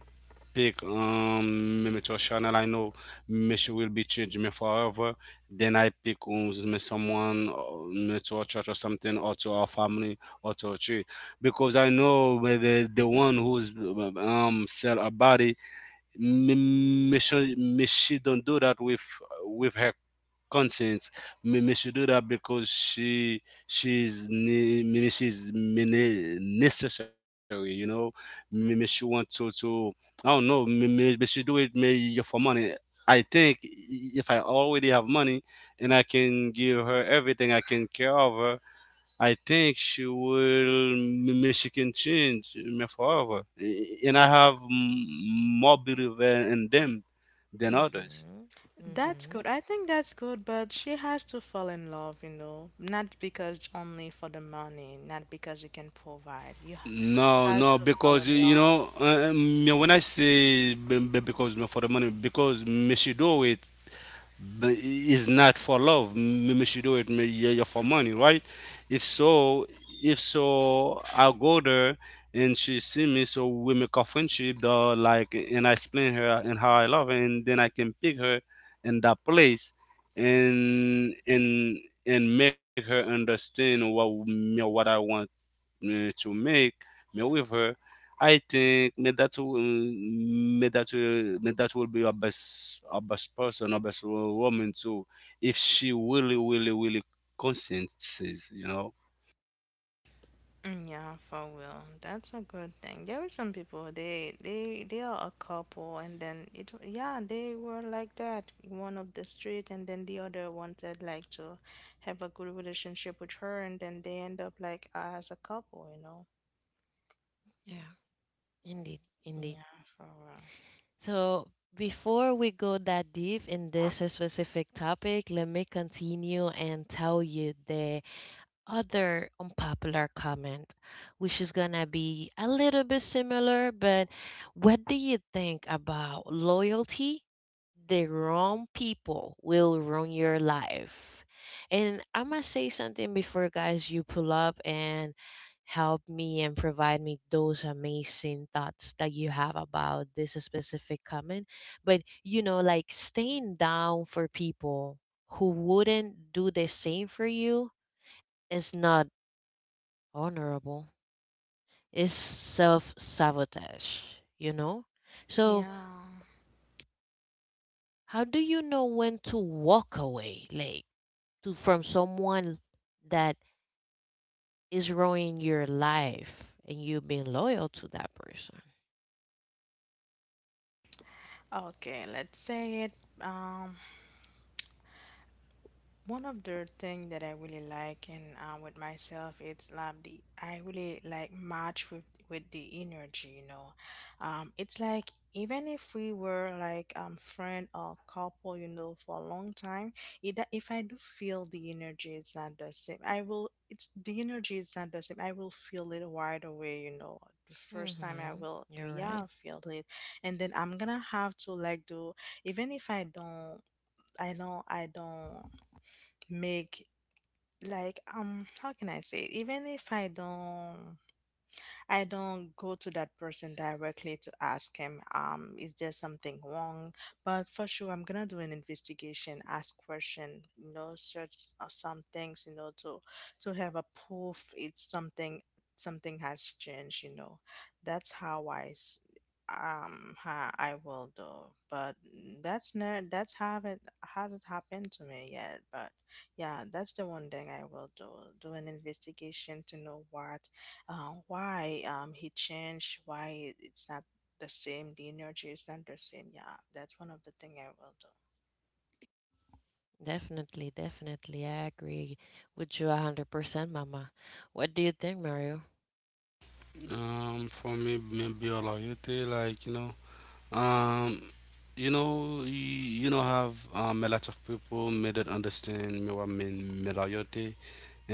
Speaker 2: pick, um me to a channel, I know me she will be changing me forever. Then I pick, um, me someone, uh, me to a church or something, or to our family, or to a tree, because I know whether the one who's, um sell a body, me, me should, me she don't do that with with her consent. Me, me should do that because she she's ne- me, me she's me, ne- necessary. You know, me, me she want to to, I don't know. Me, me, me she do it me, yeah, for money. I think if I already have money and I can give her everything, I can care of her. I think she will Michigan change, eh, me forever, and I have m- more belief in in them than others.
Speaker 1: Mhm.
Speaker 3: That's good.
Speaker 1: Mhm.
Speaker 3: I think that's good, but she has to fall in love, you know, not because only for the money, not because you can provide. You, ha- she
Speaker 2: No,
Speaker 3: has
Speaker 2: no,
Speaker 3: to fall
Speaker 2: because,
Speaker 3: in
Speaker 2: you
Speaker 3: love.
Speaker 2: know, uh, uh, me when I say, be- be- because me for the money, because me she do it, but it's not for love. Maybe she do it, may- yeah, yeah, for money, right? If so, if so, I'll go there, and she see me, so we make a friendship, though, like, and I explain her and how I love her, and then I can pick her in that place, and and and make her understand what me- what I want, uh, to make. However, I think me that will me that will me that will be our best, our best person, our best, wo- woman too, if she really, really, really consciences, you know.
Speaker 3: Mm, yeah, for real. That's a good thing. There are some people they they they are a couple and then it yeah, they were like that. One of the street and then the other wanted like to have a good relationship with her and then they end up like as a couple, you know.
Speaker 1: Yeah, indeed, indeed.
Speaker 3: Yeah, for real.
Speaker 1: So before we go that deep in this specific topic, let me continue and tell you the other unpopular comment, which is gonna be a little bit similar, but what do you think about loyalty? The wrong people will ruin your life. And I must say something before, guys, you pull up and help me and provide me those amazing thoughts that you have about this specific comment. But, you know, like staying down for people who wouldn't do the same for you is not honorable, is self sabotage, you know? So,
Speaker 3: Yeah.
Speaker 1: how do you know when to walk away, like to from someone that is ruining your life and you being loyal to that person?
Speaker 3: Okay, let's say it. Um One of the thing that I really like and uh, with myself, it's like the I really like match with with the energy, you know. Um, it's like even if we were like um friend or couple, you know, for a long time, it, if I do feel the energy is not the same, I will. It's the energy is not the same. I will feel it right away, you know. The first time I
Speaker 1: Mm-hmm.
Speaker 3: will,
Speaker 1: You're right.
Speaker 3: yeah, feel it, and then I'm gonna have to like do even if I don't I know I don't make like um how can I say it? Even if I don't I don't go to that person directly to ask him, um, is there something wrong? But for sure, I'm gonna do an investigation, ask question, you know, search uh, some things, you know, to to have a proof it's something something has changed, you know. That's how I s- um ha, I will do. But that's not that's haven't hasn't happened to me yet. But yeah, that's the one thing I will do. Do an investigation to know what uh, why um he changed why it- it's not the same, the energy is not the same, yeah, that's one of the thing I will do.
Speaker 1: Definitely, definitely. I agree with you one hundred percent, Mama. What do you think, Mario?
Speaker 2: Um, for me, maybe a loyalty, like, you know, um, you know, you, you know, have, um, a lot of people made it understand me what mean me loyalty,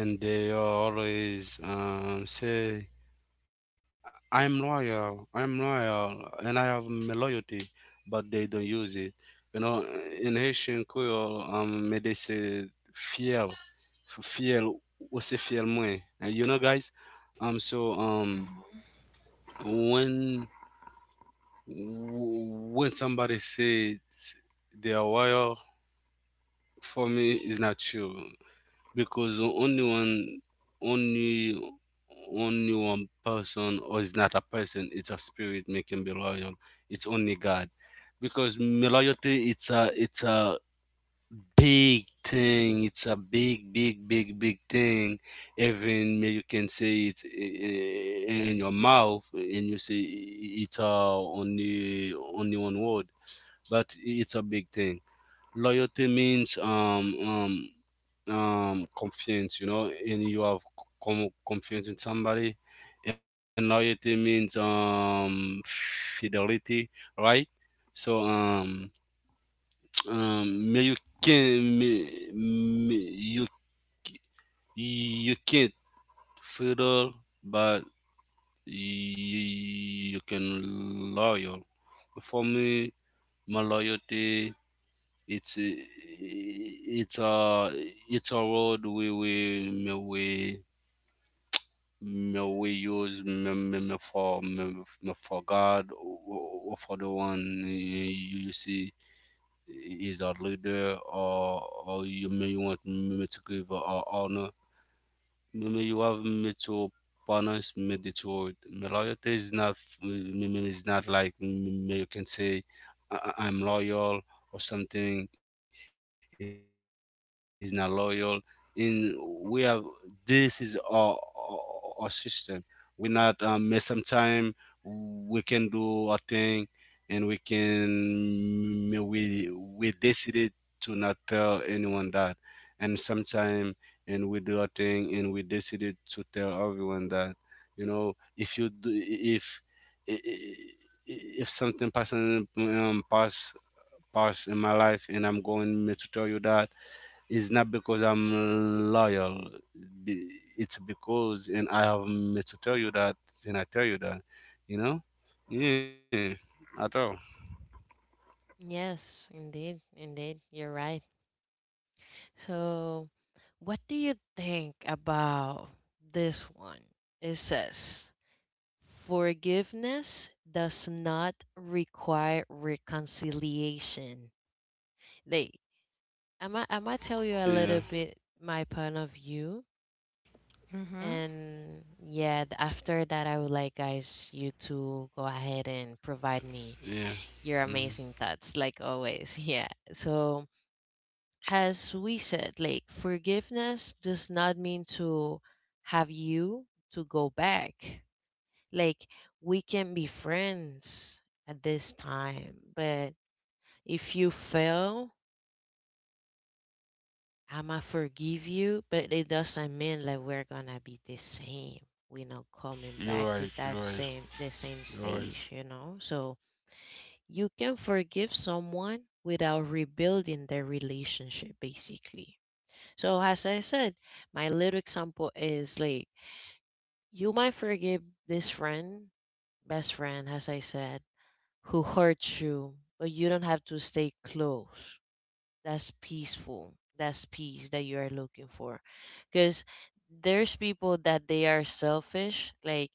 Speaker 2: and they always, um say I'm loyal. I'm loyal, and I have my loyalty, but they don't use it. You know, in Haitian Creole, um, may they say fiel, f- fiel, what's a fiel moi? And you know, guys. um, so um, when w- when somebody says they are loyal, for me, it's not true. Because only one only only one person. Or it's not a person, it's a spirit making be loyal. It's only God. Because me loyalty, it's a it's a big thing. It's a big, big, big, big thing. Even may you can say it i- i- in your mouth, and you say it's a only only one word, but it's a big thing. Loyalty means um um um confidence, you know and you have com- confidence in somebody. And loyalty means um fidelity, right? So, um (tsk) um may you can may, may you you can't fiddle. But you, you can loyal. For me, my loyalty, it's a- it's a it's a road. We we me we me we use me, me, me for me, me for God, or or for the one you, you see, is our leader. Or or you may want me to give a honor. Mimi Panas Medichord. My loyalty is not Mimi. Is not like, mm, you can say I- I- I'm loyal or something. Is not loyal. In, we have, this is our our, our system. We're not, um sometimes we can do a thing, and we can we we decided to not tell anyone that. And sometimes, and we do our thing and we decided to tell everyone that. You know, if you do, if I- I- if something passing um pass pass in my life, and I'm going me to tell you that. It's not because I'm loyal. Be- it's because and I have me to tell you that, and I tell you that, you know. Yeah, at all.
Speaker 1: Yes, indeed, indeed. You're right. So, what do you think about this one? It says, forgiveness does not require reconciliation. Like, I'm gonna I'm gonna tell you a
Speaker 2: Yeah,
Speaker 1: little bit my point of view.
Speaker 3: Hmm.
Speaker 1: And yeah, th- after that, I would like guys you to go ahead and provide me
Speaker 2: yeah.
Speaker 1: your
Speaker 2: Hmm.
Speaker 1: amazing thoughts, like always. (laughs) Yeah. So, as we said, like forgiveness does not mean to have you to go back. Like we can be friends at this time, but if you fail, I'ma forgive you, but it doesn't mean like we're gonna be the same. We're not coming
Speaker 2: You're
Speaker 1: back to
Speaker 2: right.
Speaker 1: that
Speaker 2: You're right.
Speaker 1: same, the same
Speaker 2: You're right.
Speaker 1: stage, you know? So you can forgive someone without rebuilding their relationship basically. So as I said, my little example is like you might forgive this friend, best friend, as I said, who hurts you, but you don't have to stay close. That's peaceful. That's peace that you are looking for. Because there's people that they are selfish, like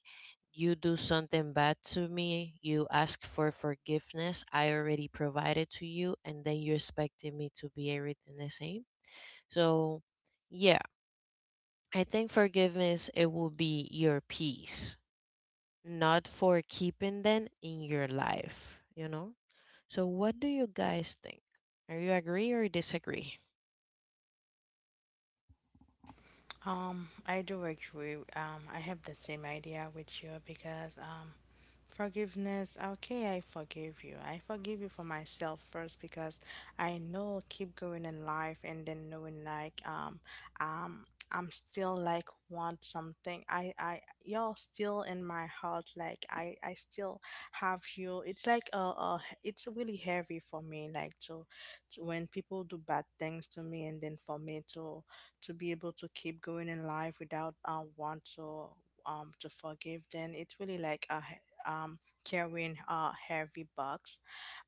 Speaker 1: you do something bad to me, you ask for forgiveness, I already provided to you, and then you're expecting me to be everything the same. So yeah. I think forgiveness it will be your peace, not for keeping them in your life, you know? So what do you guys think? Are you agree or disagree?
Speaker 3: Um, I do agree. Um, I have the same idea with you because um, forgiveness. Okay, I forgive you. I forgive you for myself first because I know keep going in life and then knowing like um um I'm still like want something. I I you're still in my heart. Like I I still have you. It's like uh, uh it's really heavy for me. Like to, to when people do bad things to me and then for me to to be able to keep going in life without uh, want to um to forgive then it's really like a he- um carrying a heavy box.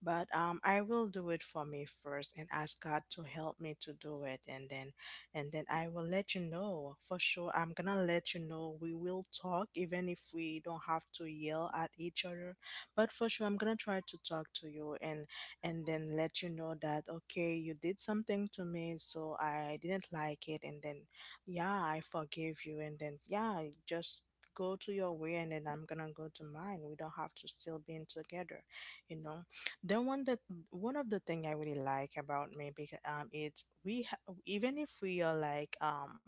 Speaker 3: But um I will do it for me first and ask God to help me to do it, and then and then I will let you know. For sure, I'm gonna let you know. We will talk, even if we don't have to yell at each other, but for sure I'm gonna try to talk to you, and and then let you know that okay, you did something to me so I didn't like it, and then yeah, I forgive you, and then yeah, just go to your way and then I'm gonna go to mine. We don't have to still be in together, you know. Then one that One of the thing I really like about me because um it's we ha- even if we are like um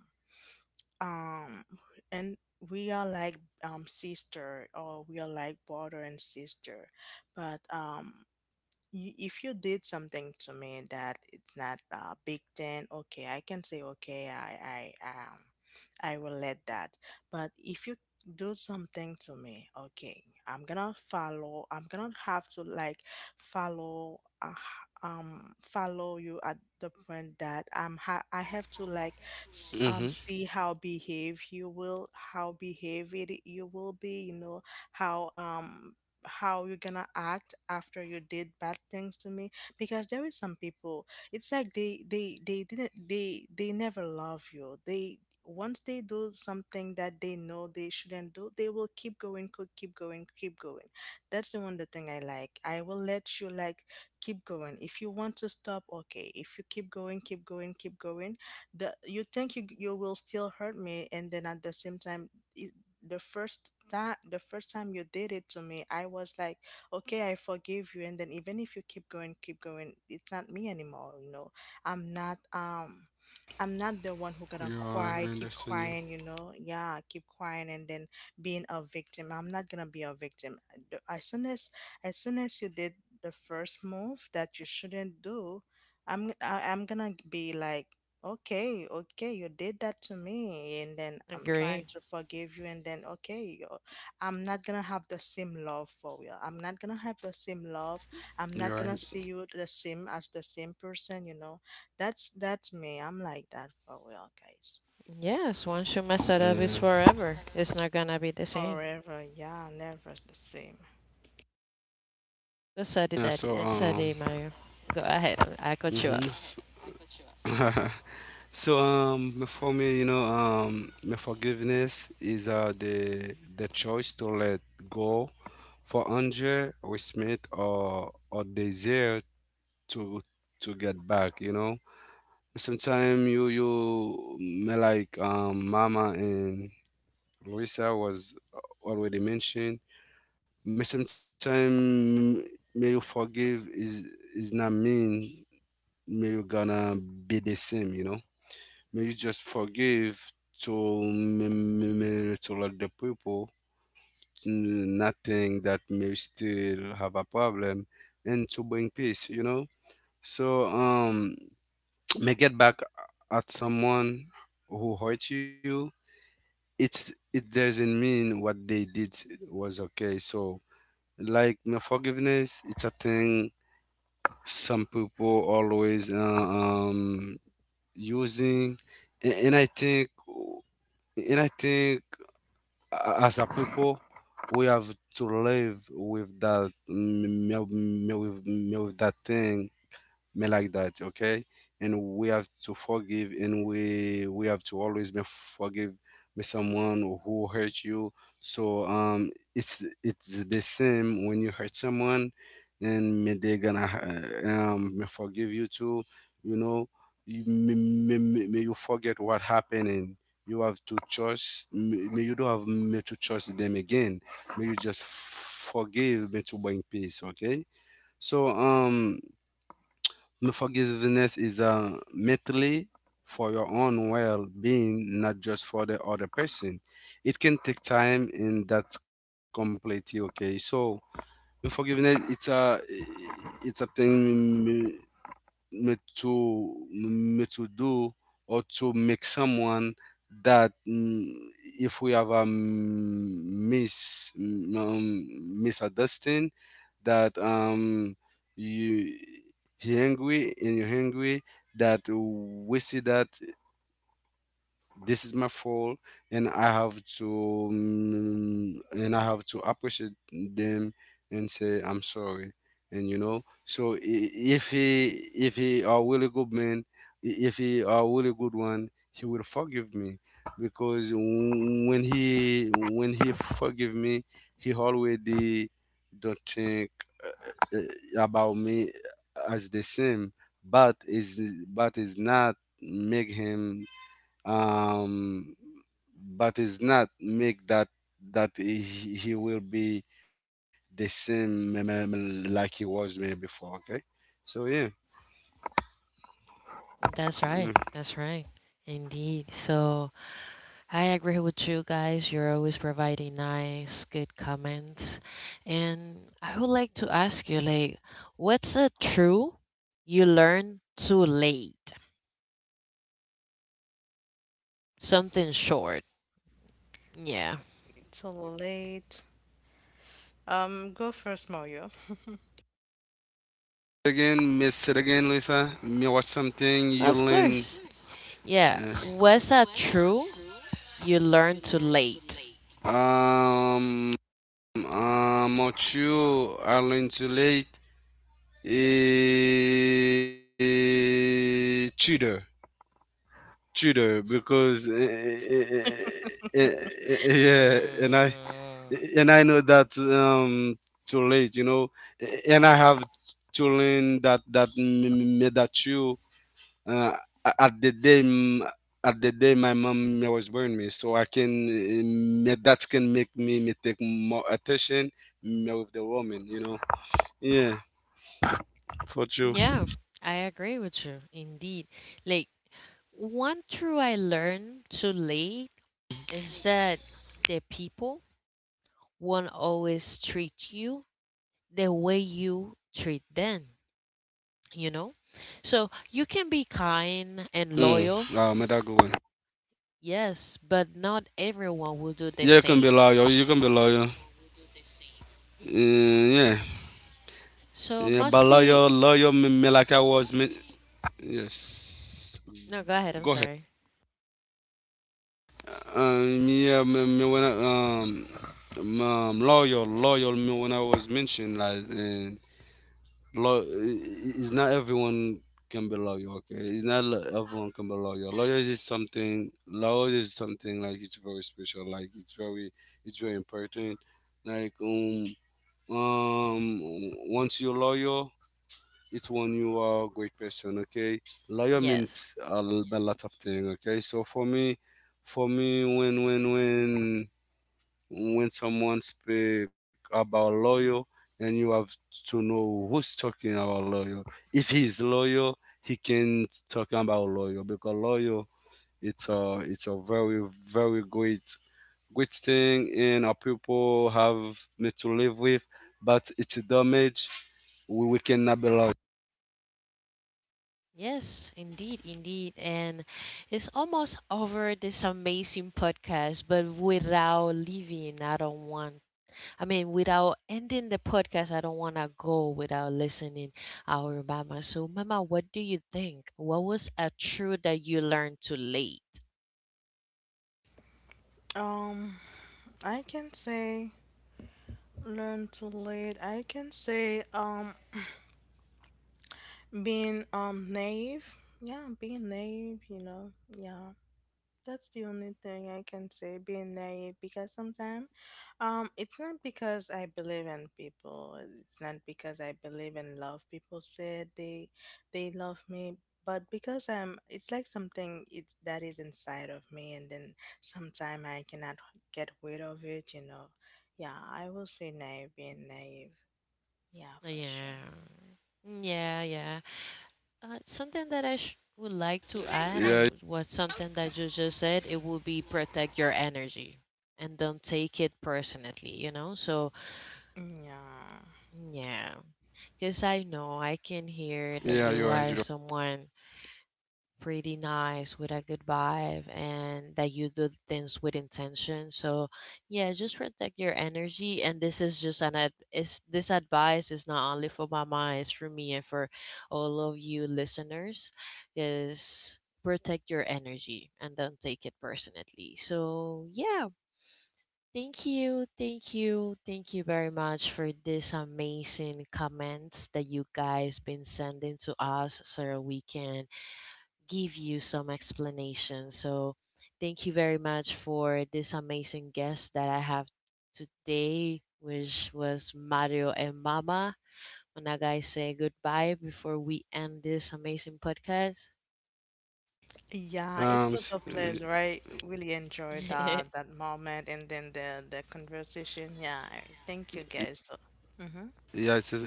Speaker 3: um and we are like um sister or we are like brother and sister, but um y- if you did something to me that it's not uh, big, then okay, I can say okay, i i um I will let that. But if you do something to me, okay, I'm gonna follow. I'm gonna have to like follow uh, um follow you at the point that i'm ha- I have to like s- um
Speaker 2: Mm-hmm.
Speaker 3: see how behave you will, how behave it you will be, you know, how um how you're gonna act after you did bad things to me, because there is some people, it's like they they they didn't, they they never love you. They, once they do something that they know they shouldn't do, they will keep going co- keep going, keep going. That's the one the thing I like. I will let you like keep going. If you want to stop, okay. If you keep going, keep going, keep going. The you think you you will still hurt me, and then at the same time the first that the first time you did it to me I was like okay I forgive you, and then even if you keep going, keep going, it's not me anymore, you know. I'm not um I'm not the
Speaker 2: You're
Speaker 3: one who
Speaker 2: right.
Speaker 3: gonna
Speaker 2: I
Speaker 3: cry,
Speaker 2: understand you.
Speaker 3: keep crying, you know. Yeah, keep crying and then being a victim. I'm not gonna be a victim. The- As soon as as soon as you did the first move that you shouldn't do, I'm I, I'm gonna be like, okay, okay, you did that to me, and then I'm trying
Speaker 1: Agree.
Speaker 3: to forgive you, and then okay, you I'm not gonna have the same love for you. I'm not gonna have the same love. I'm
Speaker 2: You're
Speaker 3: not
Speaker 2: right.
Speaker 3: gonna see you the same as the same person, you know. That's that's me. I'm like that for real, guys.
Speaker 1: Yes, once you mess it up it's
Speaker 2: Yeah.
Speaker 1: forever. It's not gonna be the same.
Speaker 3: Forever, yeah, never the same.
Speaker 1: That's a
Speaker 2: Yeah.
Speaker 1: did that
Speaker 2: So,
Speaker 1: it's a
Speaker 2: um.
Speaker 1: day, Mario. Go ahead, I I cut you
Speaker 2: Hmm.
Speaker 1: off.
Speaker 2: (laughs) So, um. For me, you know, um, my forgiveness is uh the the choice to let go for anger, respect, or or desire to to get back. You know. Sometimes you you me like, um Mama and Luisa was already mentioned. Me sometimes, may you forgive is is not mean may you gonna be the same, you know. May you just forgive to m- m- m- to let the people, n- nothing that may still have a problem, and to bring peace, you know. So, um (tsk) may get back at someone who hurt you. It's, it doesn't mean what they did was okay. So, like my forgiveness, it's a thing some people always uh, um using. And, and I think, and i think a- as a people, we have to live with that, m- m- m- with, m- with that thing. Me like that, okay. And we have to forgive, and we we have to always be forgive me someone who hurt you. So, um it's it's the same when you hurt someone. And me they gonna, uh, um me forgive you too, you know. You, me, me, me, me you forget what happened. And you have to trust me, me, you don't have me to trust them again. May you just forgive me to bring peace, okay. So, um unforgiveness is a mentally for your own well-being, not just for the other person. It can take time, and that's completely okay. So, no forgiveness, it's a, it's a thing me to me to do or to make someone that, mm, if we have a mis, um, misunderstanding, that, um you, he angry and you're angry, that we see that this is my fault, and I have to, mm, and I have to appreciate them and say I'm sorry. And you know, so, i- if he, if he a really good man, i- if he a really good one, he will forgive me. Because, w- when he, when he forgive me, he already don't think, uh, about me as the same. But is, but is not make him, um, but it's not make that, that he, he will be the same, m- m- like he was me before, okay. So yeah.
Speaker 1: That's
Speaker 2: Mm.
Speaker 1: right. That's right. Indeed. So I agree with you guys. You're always providing nice, good comments. And I would like to ask you, like, what's a true you learned too late? Something short. Yeah,
Speaker 3: Too late. Um, go first, Mario. (laughs)
Speaker 2: Again, miss it again, Lisa, me, what something you
Speaker 1: of
Speaker 2: learn.
Speaker 1: course. Yeah,
Speaker 2: uh,
Speaker 1: what's a true you learned too late?
Speaker 2: um um what you I learn too late? Eh, cheater. Cheater because eh, eh, eh, eh, eh, eh, yeah. and i
Speaker 1: Mm,
Speaker 2: and I know that, um too late, you know. And I have to learn that, that, m- m- made that you, uh, at the day, m- at the day my mom was born me. So I can, uh, me- that can make me me take more attention me with the woman, you know. Yeah, for you.
Speaker 1: yeah, I agree with you. Indeed. Like, one true I learned too late is that the people won't always treat you the way you treat them, you know? So you can be
Speaker 2: Mm, wow,
Speaker 1: kind
Speaker 2: made
Speaker 1: and
Speaker 2: that good one.
Speaker 1: loyal, yes, but not
Speaker 2: Yeah, you can
Speaker 1: everyone
Speaker 2: be
Speaker 1: will do
Speaker 2: lawyer.
Speaker 1: the
Speaker 2: You can be
Speaker 1: same.
Speaker 2: lawyer. Mm, yeah, yeah, but
Speaker 1: So
Speaker 2: lawyer, lawyer
Speaker 1: mostly,
Speaker 2: me, me like I was me. Yes,
Speaker 1: no, go
Speaker 2: go
Speaker 1: ahead,
Speaker 2: ahead.
Speaker 1: I'm sorry.
Speaker 2: Uh, yeah, me, me when I, um, um, um, loyal, loyal. Me when I was mentioned, like, and lo- it's not everyone can be loyal. Okay, it's not lo- everyone can be loyal. Loyal is something. Loyal is something, like it's very special. Like it's very, it's very important. Like, um, um, once you're loyal, it's when you are a great person, okay. Lawyer
Speaker 1: Yes.
Speaker 2: means a, l- a lot of things. Okay, so for me, for me, when, when when when someone speak about lawyer, and you have to know who's talking about lawyer. If he's lawyer, he can talk about lawyer, because lawyer, it's a it's a very, very great, great thing, and our people have me to live with, but it's a damage. We, we cannot be lawyer.
Speaker 1: Yes, indeed, indeed. And it's almost over this amazing podcast, but without leaving, I don't want, I mean, without ending the podcast, I don't want to go without listening our Mama. So, Mama, what do you think? What was a truth that you learned too late?
Speaker 3: Um, I can say learn to lead. I can say um being um naive. Yeah, being naive, you know. Yeah. That's the only thing I can say, being naive, because sometimes um, it's not because I believe in people. It's not because I believe in love. People said they they love me, but because I'm, it's like something, it's that is inside of me, and then sometime I cannot get rid of it. You know, yeah, I will say naive, being naive, yeah, for sure,
Speaker 1: Yeah, yeah, yeah. Uh, something that I sh- would
Speaker 2: Yeah.
Speaker 1: like to add uh, w- was something that you just said. It would be protect your energy and don't take it personally, you know? So,
Speaker 3: yeah.
Speaker 1: yeah, because I know I can
Speaker 2: Yeah, you're
Speaker 1: hear
Speaker 2: right.
Speaker 1: that
Speaker 2: You.
Speaker 1: you are someone, pretty nice with a good vibe and that you do things with intention. So yeah, just protect your energy. And this is just an ad- is this advice is not only for Mama, it's for me and for all of you listeners. Is protect your energy and don't take it personally. So yeah, thank you, thank you, thank you very much for this amazing comments that you guys been sending to us so we can give you some explanation. So, thank you very much for this amazing guest that I have today, which was Mario and Mama. When I guys say goodbye before we end this amazing podcast.
Speaker 3: Yeah, it
Speaker 2: Um, s-
Speaker 3: was a
Speaker 2: uh,
Speaker 3: pleasure. I really enjoyed that that
Speaker 1: (laughs)
Speaker 3: moment and then the the conversation. Yeah, I- thank you guys. So, hmm,
Speaker 2: yeah, it's a,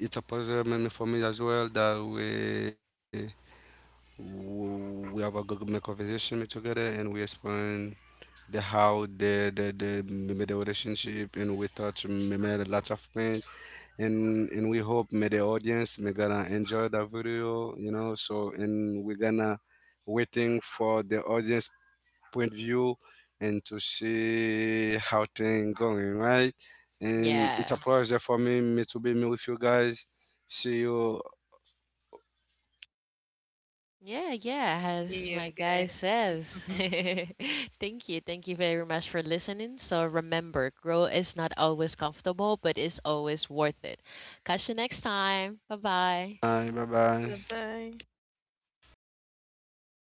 Speaker 2: it's a positive moment for me as well, that we we have a good, m- conversation together, and we explain the how the the the, maybe the relationship, and we touch maybe lots of things. and and we hope may the audience may gonna enjoy the video, you know. So, and we're gonna waiting for the audience point of view, and to see how things going, right? And it's a
Speaker 1: Yeah.
Speaker 2: pleasure for me, me to be me with you guys. See you.
Speaker 1: Yeah, yeah,
Speaker 3: see
Speaker 1: as
Speaker 3: you
Speaker 1: my guy says.
Speaker 3: guys. (laughs)
Speaker 1: (laughs) Thank you. Thank you very much for listening. So remember, growth is not always comfortable, but it's always worth it. Catch you next time. Bye bye.
Speaker 2: Bye
Speaker 3: Bye
Speaker 2: bye.
Speaker 3: bye.